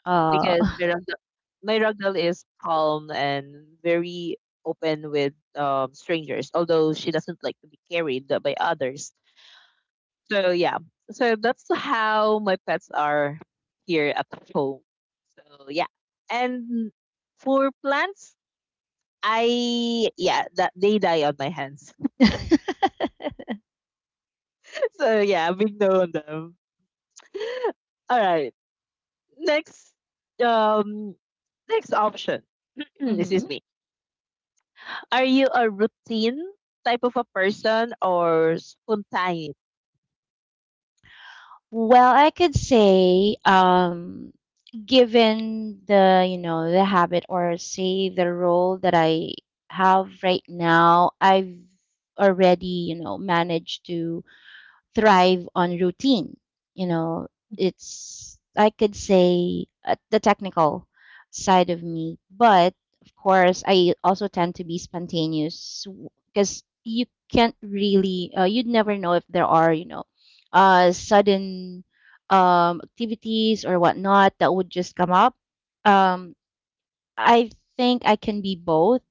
[SPEAKER 2] Uh.
[SPEAKER 1] because Miracle, Miracle is calm and very open with strangers, although she doesn't like to be carried by others. So yeah, so that's how my pets are here at home. So yeah, and for plants, I yeah that they die on my hands. So yeah, big no on them. All right, next um next option.
[SPEAKER 2] Hmm.
[SPEAKER 1] Excuse me. Are you a routine type of a person or spontaneous?
[SPEAKER 2] Well, I could say given the you know the habit, or say the role that I have right now, I've already, you know, managed to thrive on routine. You know, it's, I could say, at the technical side of me. But of course, I also tend to be spontaneous because you can't really, you'd never know if there are, you know, sudden activities or whatnot that would just come up. Um, I think I can be both,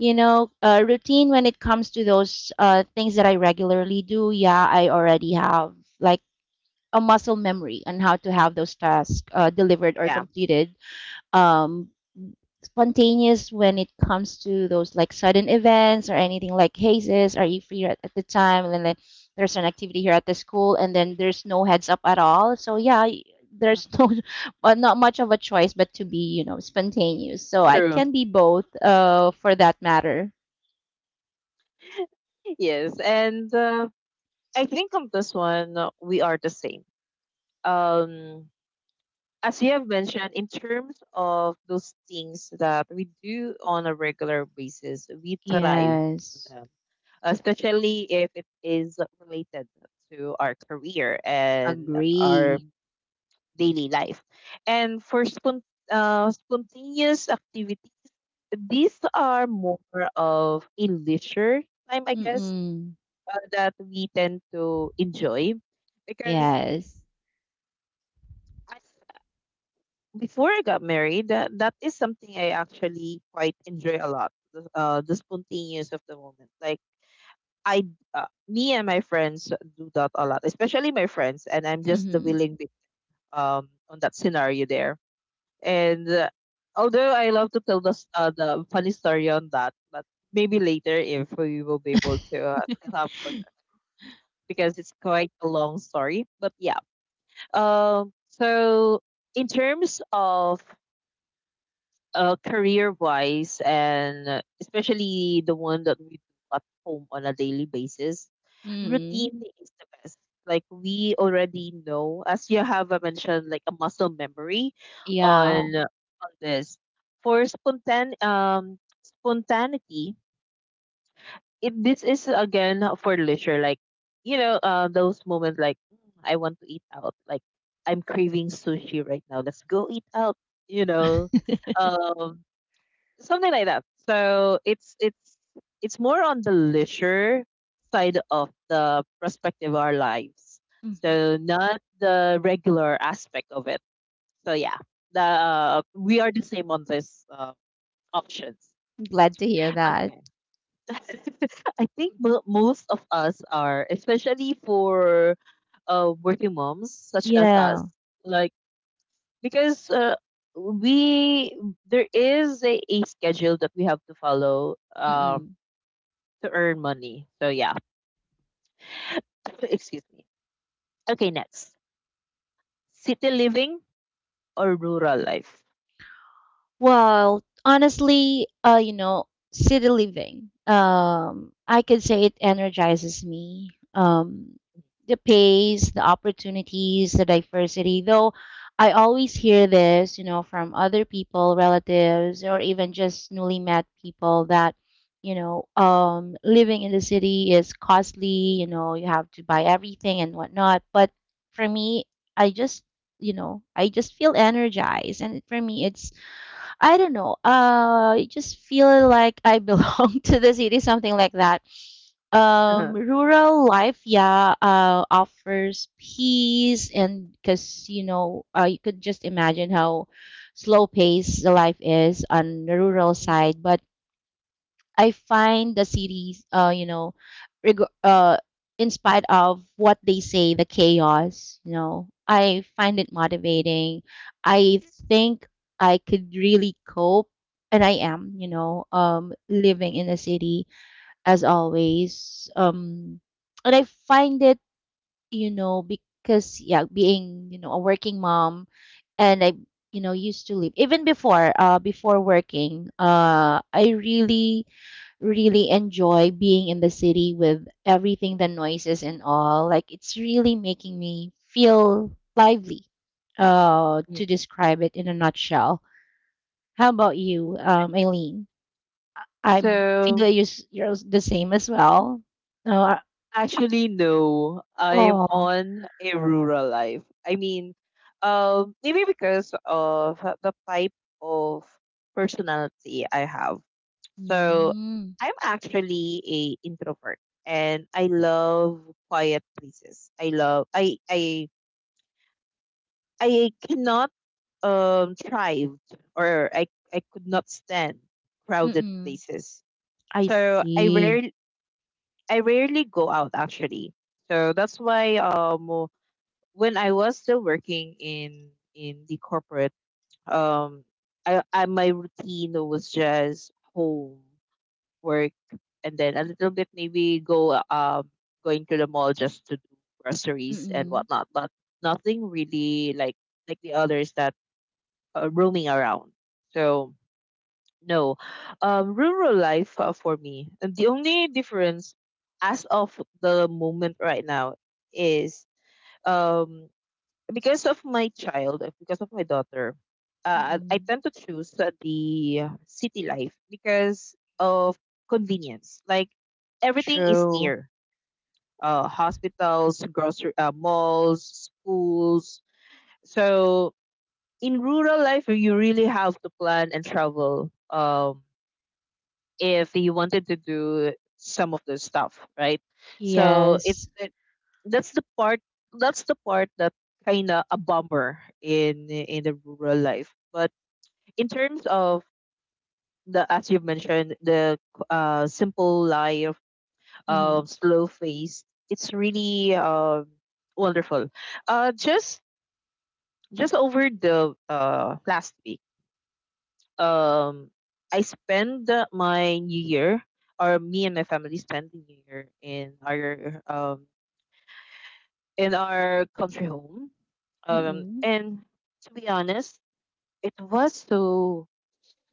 [SPEAKER 2] you know, routine when it comes to those things that I regularly do. Yeah, I already have like a muscle memory on how to have those tasks delivered or
[SPEAKER 1] Yeah,
[SPEAKER 2] completed. Um, spontaneous when it comes to those like sudden events or anything like, hey sis, are you free at the time? And then like, there's an activity here at the school, and then there's no heads up at all. So yeah,
[SPEAKER 1] mhm,
[SPEAKER 2] there's no, but not much of a choice but to be, you know, spontaneous. So I
[SPEAKER 1] true.
[SPEAKER 2] can be both, for that matter.
[SPEAKER 1] Yes, and I think on this one we are the same. Um, as you have mentioned, in terms of those things that we do on a regular basis, we thrive on
[SPEAKER 2] Yes,
[SPEAKER 1] them, especially if it is related to our career and our
[SPEAKER 2] agree.
[SPEAKER 1] daily life. And for spontaneous activities, these are more of a leisure time, I guess,
[SPEAKER 2] Mm-mm.
[SPEAKER 1] that we tend to enjoy because
[SPEAKER 2] Yes.
[SPEAKER 1] I, before I got married, that is something I actually quite enjoy a lot. The spontaneous of the moment, like I, me and my friends do that a lot, especially my friends, and I'm just the
[SPEAKER 2] Mm-hmm.
[SPEAKER 1] willing victim, on that scenario there. And although I love to tell the, the funny story on that, but maybe later if we will be able to still have more time because it's quite a long story. But yeah. Um. So in terms of career wise and especially the one that we do at home on a daily basis,
[SPEAKER 2] Mm.
[SPEAKER 1] routine is the best. Like we already know, as you have mentioned, like a muscle memory
[SPEAKER 2] Yeah.
[SPEAKER 1] on this. For spontaneity, it this is again for leisure, like you know, those moments like, "Mm, I want to eat out, like I'm craving sushi right now. Let's go eat out. You know, um, something like that." So it's more on the leisure side of the perspective of our lives.
[SPEAKER 2] Mhm.
[SPEAKER 1] So not the regular aspect of it. So yeah, the we are the same on this options.
[SPEAKER 2] Glad to hear that.
[SPEAKER 1] Okay. I think most of us are, especially for working moms such as us,
[SPEAKER 2] Yeah.
[SPEAKER 1] like because we there is a schedule that we have to follow
[SPEAKER 2] Mm-mm.
[SPEAKER 1] to earn money. So yeah, excuse me. Okay, next. City living or rural life?
[SPEAKER 2] Well, honestly, you know, city living. I could say it energizes me. The pace, the opportunities, the diversity. Though I always hear this, you know, from other people, relatives, or even just newly met people that, you know, living in the city is costly. You know, you have to buy everything and whatnot. But for me, I just, you know, I just feel energized, and for me, it's I don't know. I just feel like I belong to the city, something like that. Rural life, yeah, offers peace, and because you know, you could just imagine how slow paced the life is on the rural side. But I find the series, you know, reg- uh, in spite of what they say, the chaos, you know, I find it motivating. I think I could really cope, and I am, you know, living in a city as always. And I find it, you know, because yeah, being you know a working mom, and I you know used to live even before working. I really really enjoy being in the city with everything, the noises and all. Like it's really making me feel lively,
[SPEAKER 1] Mm.
[SPEAKER 2] to describe it in a nutshell. How about you, Aileen? I feel
[SPEAKER 1] So
[SPEAKER 2] that you're, you're the same as well. Uh,
[SPEAKER 1] actually no, I'm
[SPEAKER 2] oh,
[SPEAKER 1] on a rural life. I mean, maybe because of the type of personality I have. So
[SPEAKER 2] mm,
[SPEAKER 1] I'm actually a introvert and I love quiet places. I cannot thrive or I could not stand crowded
[SPEAKER 2] mm-mm.
[SPEAKER 1] places.
[SPEAKER 2] I
[SPEAKER 1] So
[SPEAKER 2] see.
[SPEAKER 1] I rarely go out actually. So that's why when I was still working in the corporate um I my routine was just home, work, and then a little bit maybe go going to the mall just to do groceries and
[SPEAKER 2] Mm-mm.
[SPEAKER 1] whatnot but nothing really like the others that roaming around. So no, rural life for me. And the only difference as of the moment right now is um, because of my child, because of my daughter, I
[SPEAKER 2] Mm-mm.
[SPEAKER 1] tend to choose the city life because of convenience. Like everything is
[SPEAKER 2] True.
[SPEAKER 1] near. Hospitals, grocery, malls, schools. So in rural life you really have to plan and travel if you wanted to do some of the stuff right? So it,
[SPEAKER 2] Yes.
[SPEAKER 1] it that's the part that's the part that kind of a bummer in the rural life but in terms of the, as you've mentioned, the simple life,
[SPEAKER 2] Mm-hmm.
[SPEAKER 1] slow phase, it's really wonderful. Uh, just over the last week, um I spend my New Year, or me and my family spend the New Year in our country home.
[SPEAKER 2] Mm-mm.
[SPEAKER 1] And to be honest, it was so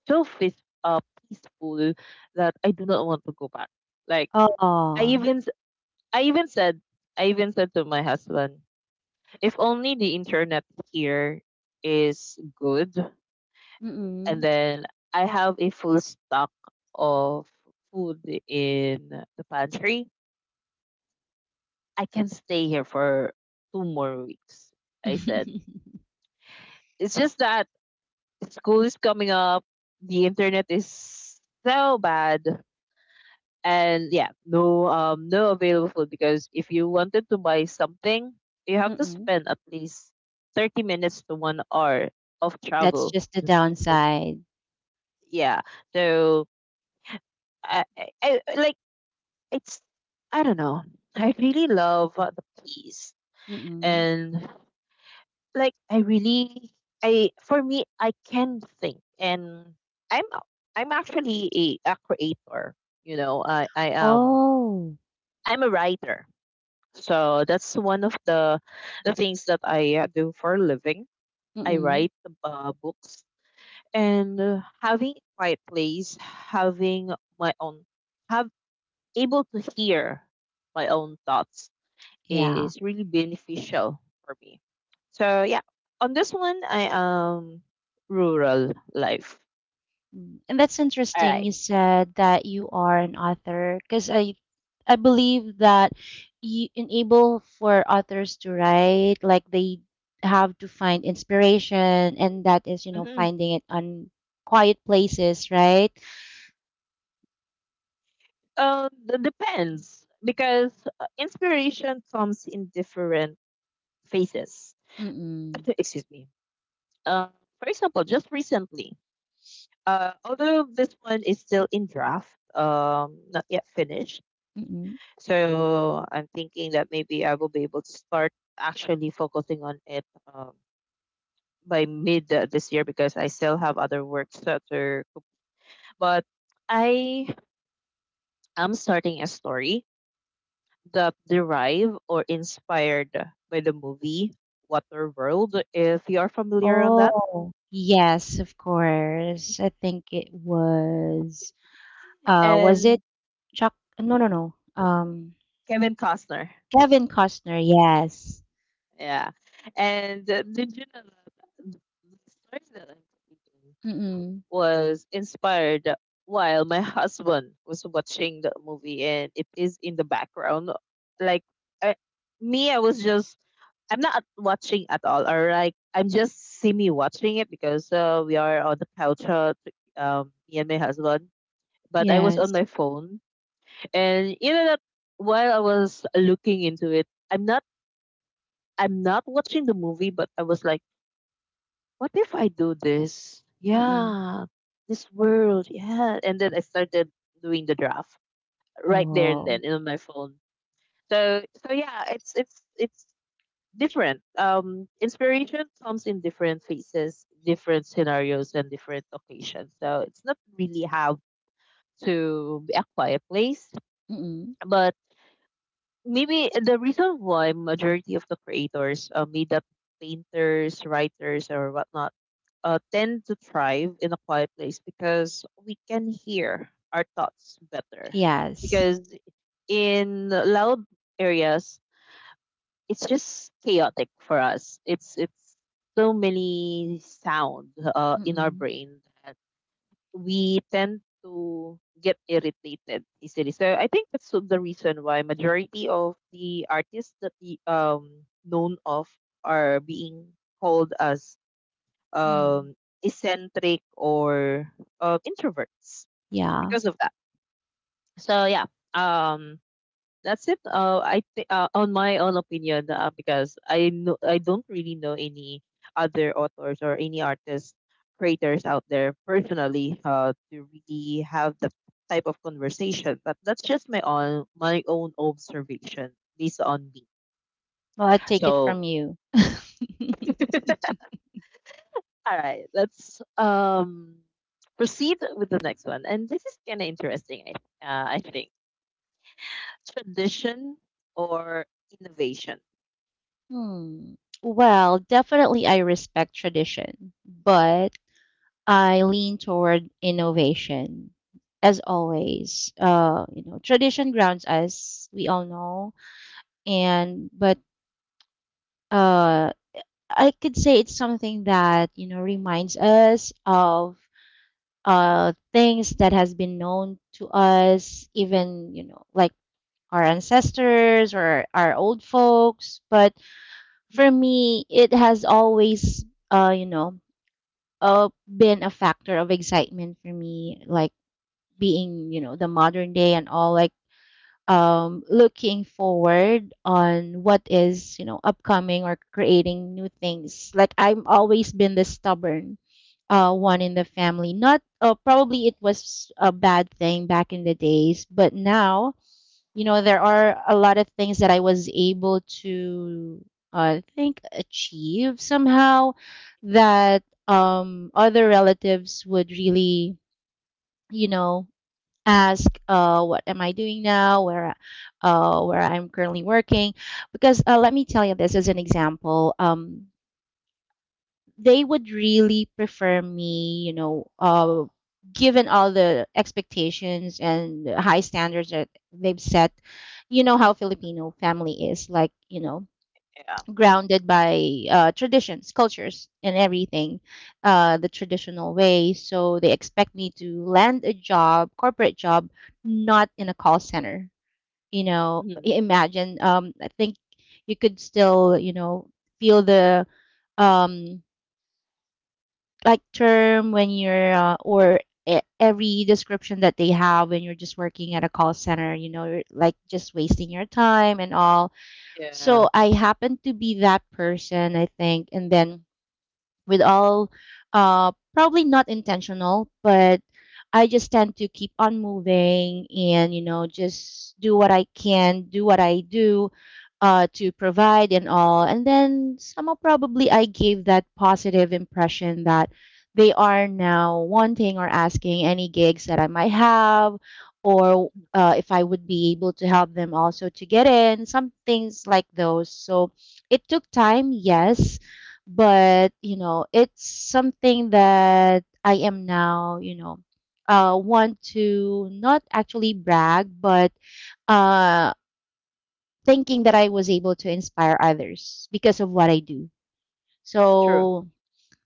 [SPEAKER 1] so uh, peaceful that I do not want to go back. Like I
[SPEAKER 2] Oh.
[SPEAKER 1] even s- I even said I even said to my husband, if only the internet here is good, and
[SPEAKER 2] Mm-mm.
[SPEAKER 1] then I have a full stock of food in the pantry, I can stay here for 2 more weeks, I said. It's just that school is coming up, the internet is so bad. And yeah, no no available food because if you wanted to buy something, you have to
[SPEAKER 2] Mm-mm.
[SPEAKER 1] spend at least 30 minutes to 1 hour of
[SPEAKER 2] That's
[SPEAKER 1] travel
[SPEAKER 2] just the
[SPEAKER 1] just to go.
[SPEAKER 2] downside.
[SPEAKER 1] Yeah. So like it's I don't know. I really love the peace
[SPEAKER 2] Mm-mm.
[SPEAKER 1] and like I really I for me I can think and I'm i I'm actually a creator. You know,
[SPEAKER 2] Oh.
[SPEAKER 1] I'm a writer. So that's one of the things that I do for a living. I
[SPEAKER 2] Mm-mm.
[SPEAKER 1] write books and having a quiet place, having my own, have able to hear my own thoughts
[SPEAKER 2] Yeah.
[SPEAKER 1] is really beneficial for me. So yeah, on this one, I am rural life.
[SPEAKER 2] Mm. And that's
[SPEAKER 1] All
[SPEAKER 2] interesting.
[SPEAKER 1] right.
[SPEAKER 2] You said that you are an author because I believe that you enable for authors to write like they have to find inspiration, and that is, you know,
[SPEAKER 1] Mm-hmm.
[SPEAKER 2] finding it on quiet places, right?
[SPEAKER 1] Depends because inspiration comes in different phases.
[SPEAKER 2] Mm-mm.
[SPEAKER 1] Excuse me. Uh, for example, just recently, although this one is still in draft, not yet finished.
[SPEAKER 2] Mm-mm.
[SPEAKER 1] So I'm thinking that maybe I will be able to start actually focusing on it. Um, by mid this year because I still have other works that are. But I am starting a story that derived or inspired by the movie Waterworld, if you are familiar on that,
[SPEAKER 2] Oh, yes, of course. I think it was it
[SPEAKER 1] and
[SPEAKER 2] Chuck, no, no, no.
[SPEAKER 1] Kevin Costner.
[SPEAKER 2] Kevin Costner, yes.
[SPEAKER 1] Yeah, and did you know that the story that I'm creating
[SPEAKER 2] Mm-mm.
[SPEAKER 1] was inspired while my husband was watching the movie and it is in the background. Like I, me, I was just I'm not watching at all, or like I'm just semi watching it because we are on the couch, me and my husband. But I was on
[SPEAKER 2] Yes.
[SPEAKER 1] my phone, and you know that while I was looking into it, I'm not watching the movie, but I was like, what if I do this?
[SPEAKER 2] Mm-mm.
[SPEAKER 1] Yeah, this world. Yeah. And then I started doing the draft right there and
[SPEAKER 2] Oh.
[SPEAKER 1] then in my phone. So so yeah, it's different. Um, inspiration comes in different phases, different scenarios and different occasions. So it's not really how to be a quiet place,
[SPEAKER 2] Mm-mm.
[SPEAKER 1] maybe the reason why majority of the creators, made up painters, writers or whatnot, tend to thrive in a quiet place because we can hear our thoughts better
[SPEAKER 2] Yes.
[SPEAKER 1] because in loud areas it's just chaotic for us. It's so many sound in our
[SPEAKER 2] Mm-mm.
[SPEAKER 1] brain that we tend to get irritated easily. So I think that's the reason why majority of the artists that we known of are being called as
[SPEAKER 2] Mm-mm.
[SPEAKER 1] um eccentric or introverts
[SPEAKER 2] Yeah.
[SPEAKER 1] because of that. So yeah, um that's it. On my own opinion, because I know I don't really know any other authors or any artists creators out there personally to really have the type of conversation. But that's just my own observation based on me.
[SPEAKER 2] Well, I take it
[SPEAKER 1] So,
[SPEAKER 2] from you.
[SPEAKER 1] all right, let's proceed with the next one. And this is kind of interesting. I think tradition or innovation.
[SPEAKER 2] Hmm. Well, definitely I respect tradition, but I lean toward innovation. As always, you know, tradition grounds us. We all know, and but uh, I could say it's something that you know reminds us of things that has been known to us, even you know, like our ancestors or our old folks. But for me, it has always, you know, been a factor of excitement for me, like being you know the modern day and all, like looking forward on what is you know upcoming, or creating new things. Like I've always been the stubborn one in the family. Not probably it was a bad thing back in the days, but now you know there are a lot of things that I was able to I think achieve somehow that other relatives would really you know ask, what am I doing now, where I'm currently working. Because let me tell you this as an example, they would really prefer me you know, given all the expectations and the high standards that they've set. You know how Filipino family is like, you know,
[SPEAKER 1] Yeah.
[SPEAKER 2] grounded by traditions, cultures, and everything, the traditional way. So they expect me to land a job, corporate job, not in a call center. You know,
[SPEAKER 1] Mm-hmm.
[SPEAKER 2] imagine. I think you could still, you know, feel the um, like term when you're or e- every description that they have when you're just working at a call center. You know, you're like just wasting your time and all.
[SPEAKER 1] Yeah,
[SPEAKER 2] So I happened to be that person, I think. And then with all probably not intentional, but I just tend to keep on moving, and you know just do what I can do, what I do to provide and all, and then somehow probably I gave that positive impression that they are now wanting or asking any gigs that I might have, or if I would be able to help them also to get in some things like those. So it took time, yes, but you know it's something that I am now you know, want to not actually brag, but uh thinking that I was able to inspire others because of what I do.
[SPEAKER 1] true.
[SPEAKER 2] So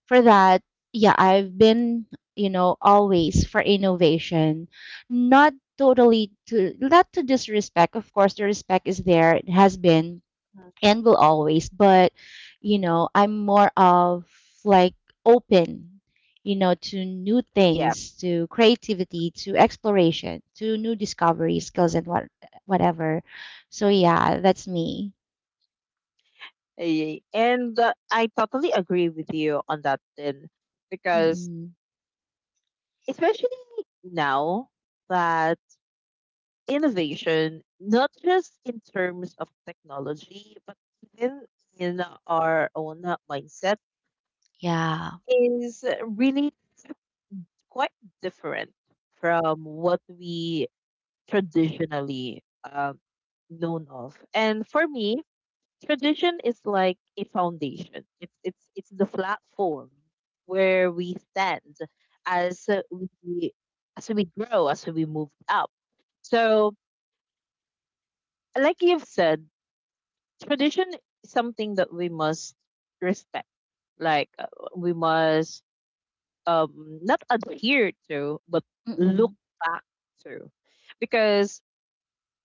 [SPEAKER 2] for that, yeah, I've been you know always for innovation, not totally to not to disrespect, of course, the respect is there, it has been
[SPEAKER 1] Mhm.
[SPEAKER 2] and will always. But you know I'm more of like open you know to new
[SPEAKER 1] Yeah,
[SPEAKER 2] things, to creativity, to exploration, to new discovery skills and whatever. So yeah, that's me.
[SPEAKER 1] eh, and I totally agree with you on that then, because
[SPEAKER 2] Mm-mm.
[SPEAKER 1] especially now that innovation, not just in terms of technology, but even in our own mindset,
[SPEAKER 2] Yeah.
[SPEAKER 1] is really quite different from what we traditionally known of. And for me, tradition is like a foundation. It's the platform where we stand as we as we grow, as we move up. So, like you've said, tradition is something that we must respect. Like uh, we must not adhere to, but look
[SPEAKER 2] Mm-mm.
[SPEAKER 1] back to, because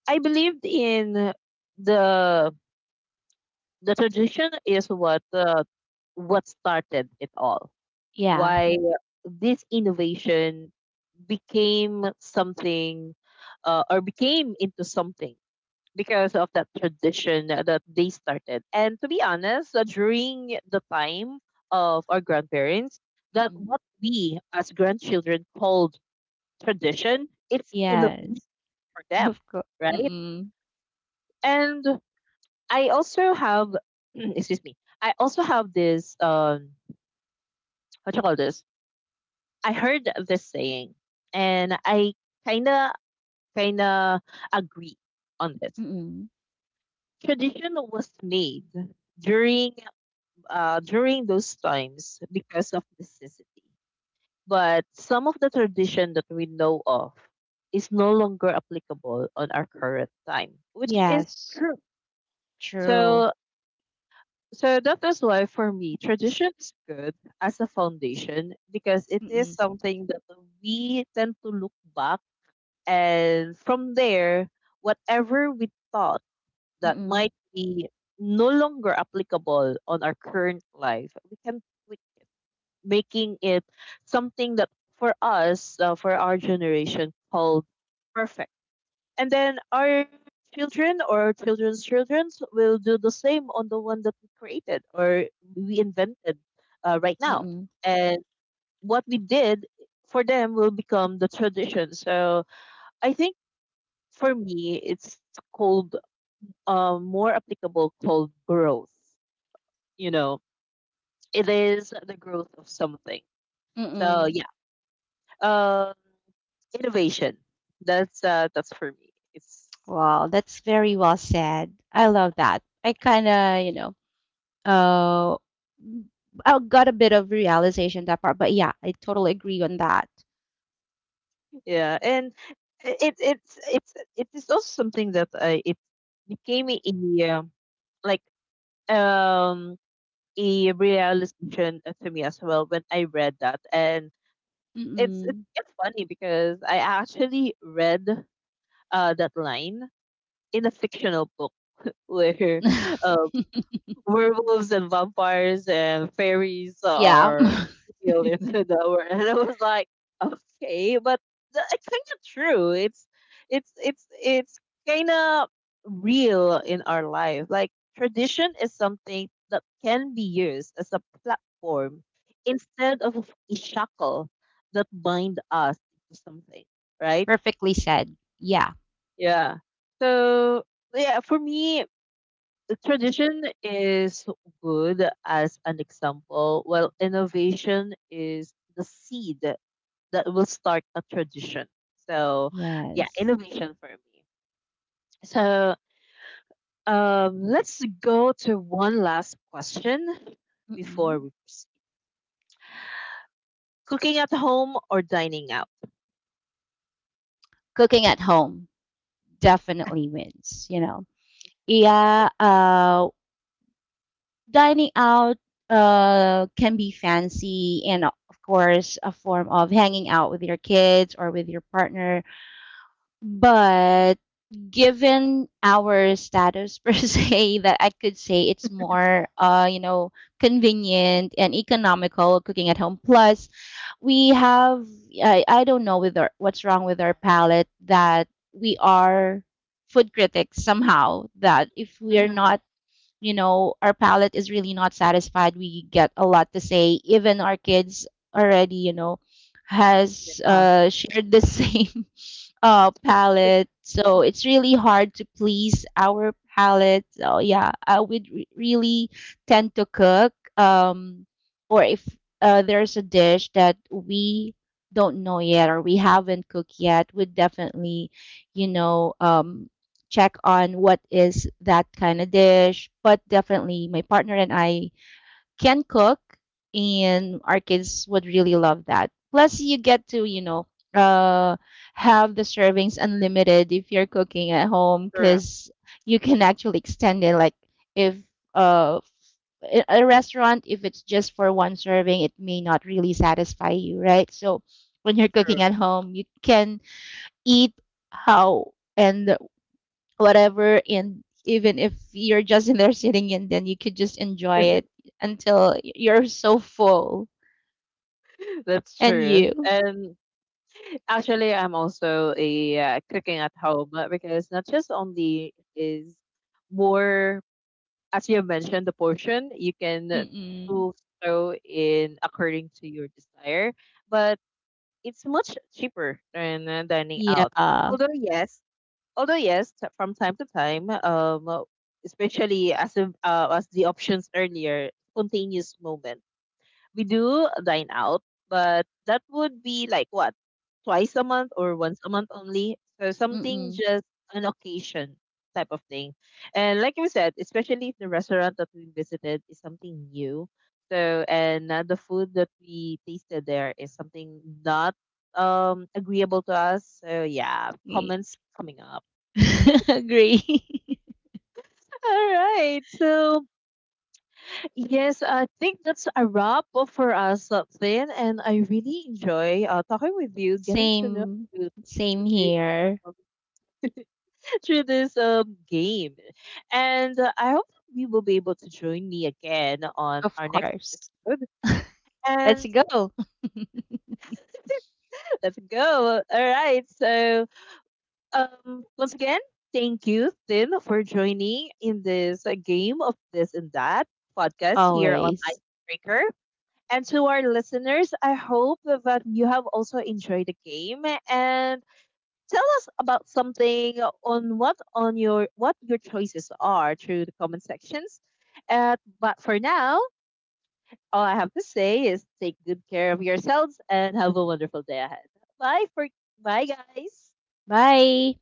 [SPEAKER 1] I believed in the the tradition is what started it all.
[SPEAKER 2] Yeah.
[SPEAKER 1] Why this innovation became something or became into something because of that tradition that they started. And to be honest, during the time of our grandparents, that
[SPEAKER 2] Mm-mm.
[SPEAKER 1] what we as grandchildren called tradition, it's innovation
[SPEAKER 2] Yes.
[SPEAKER 1] for them,
[SPEAKER 2] Of course.
[SPEAKER 1] right?
[SPEAKER 2] Mm-mm.
[SPEAKER 1] And I also have excuse me. I also have this what you call this? I heard this saying and I kinda kinda agree on this.
[SPEAKER 2] Mm-mm.
[SPEAKER 1] Tradition was made during during those times because of necessity. But some of the tradition that we know of is no longer applicable on our current time, which is
[SPEAKER 2] Yes,
[SPEAKER 1] true.
[SPEAKER 2] true.
[SPEAKER 1] So So that is why for me, tradition is good as a foundation because it is
[SPEAKER 2] Mm-mm.
[SPEAKER 1] something that we tend to look back and from there, whatever we thought that
[SPEAKER 2] Mm-mm.
[SPEAKER 1] might be no longer applicable on our current life, we making it something that for us, for our generation, called perfect and then our children or children's children will do the same on the one that we created or we invented right now.
[SPEAKER 2] Mm-mm.
[SPEAKER 1] And what we did for them will become the tradition. So I think for me, it's called more applicable called growth. You know, it is the growth of something. So
[SPEAKER 2] Mm-mm.
[SPEAKER 1] yeah, um, innovation. That's for me. It's
[SPEAKER 2] Wow, that's very well said. I love that. I kind of, you know, uh, I got a bit of realization that part, but yeah, I totally agree on that.
[SPEAKER 1] yeah, and it's it is also something that I it became a like um a realization to me as well when I read that, and it's it's,
[SPEAKER 2] Mm-mm.
[SPEAKER 1] it's funny because I actually read that line in a fictional book where um werewolves and vampires and fairies
[SPEAKER 2] Yeah,
[SPEAKER 1] are real in the world. And I was like, okay, but it's kind of true. It's kind of real in our life. Like tradition is something that can be used as a platform instead of a shackle that bind us to something, right?
[SPEAKER 2] perfectly said. Yeah,
[SPEAKER 1] Yeah. So yeah, for me, the tradition is good as an example, while innovation is the seed that will start a tradition. So, yeah,
[SPEAKER 2] yes.
[SPEAKER 1] innovation for me. So, let's go to one last question before
[SPEAKER 2] Mm-mm.
[SPEAKER 1] we proceed. Cooking at home or dining out?
[SPEAKER 2] Cooking at home definitely wins, you know. Yeah, dining out can be fancy and of course a form of hanging out with your kids or with your partner, but given our status per se, that I could say it's more you know convenient and economical cooking at home. Plus, we have I don't know with our, what's wrong with our palate, that we are food critics somehow, that if we are
[SPEAKER 1] Mhm.
[SPEAKER 2] not you know, our palate is really not satisfied. We get a lot to say. Even our kids already, you know, has
[SPEAKER 1] Yeah,
[SPEAKER 2] shared the same palate. So it's really hard to please our palate. So yeah, I would really tend to cook. Or if there's a dish that we don't know yet, or we haven't cooked yet, would definitely, you know, check on what is that kind of dish. But definitely, my partner and I can cook, and our kids would really love that. Plus, you get to, you know, uh, have the servings unlimited if you're cooking at home,
[SPEAKER 1] true,
[SPEAKER 2] because you can actually extend it. Like, if uh, a restaurant, if it's just for one serving, it may not really satisfy you, right? So, when you're cooking
[SPEAKER 1] true.
[SPEAKER 2] at home, you can eat how and whatever, and even if you're just in there sitting, and then you could just enjoy it until you're so full.
[SPEAKER 1] That's
[SPEAKER 2] And
[SPEAKER 1] true.
[SPEAKER 2] you
[SPEAKER 1] And actually, I'm also a cooking at home because not just only is more, as you mentioned, the portion you can
[SPEAKER 2] mm-mm.
[SPEAKER 1] do so in according to your desire, but it's much cheaper than dining
[SPEAKER 2] Yeah.
[SPEAKER 1] out. Although yes, although yes, from time to time, especially as the options earlier, spontaneous moment. We do dine out, but that would be like what? Twice a month or once a month only. So something
[SPEAKER 2] Mm-mm.
[SPEAKER 1] just an occasion type of thing. And like you said, especially if the restaurant that we visited is something new. So and the food that we tasted there is something not agreeable to us. So yeah,
[SPEAKER 2] Y-
[SPEAKER 1] comments coming up.
[SPEAKER 2] agree.
[SPEAKER 1] All right. So yes, I think that's a wrap up for us, Flynn. And I really enjoy talking with you, getting to know
[SPEAKER 2] Same.
[SPEAKER 1] you through
[SPEAKER 2] Same
[SPEAKER 1] this,
[SPEAKER 2] here.
[SPEAKER 1] um, through this game. And I hope we will be able to join me again on
[SPEAKER 2] Of
[SPEAKER 1] our next
[SPEAKER 2] course.
[SPEAKER 1] episode.
[SPEAKER 2] Let's
[SPEAKER 1] And
[SPEAKER 2] go.
[SPEAKER 1] let's go. All right. So, once again, thank you, Flynn, for joining in this game of this and that podcast here on
[SPEAKER 2] Always.
[SPEAKER 1] Icebreaker. And to our listeners, I hope that you have also enjoyed the game and tell us about something on what on your what your choices are through the comment sections. But for now, all I have to say is take good care of yourselves and have a wonderful day ahead. Bye for Bye guys.
[SPEAKER 2] Bye.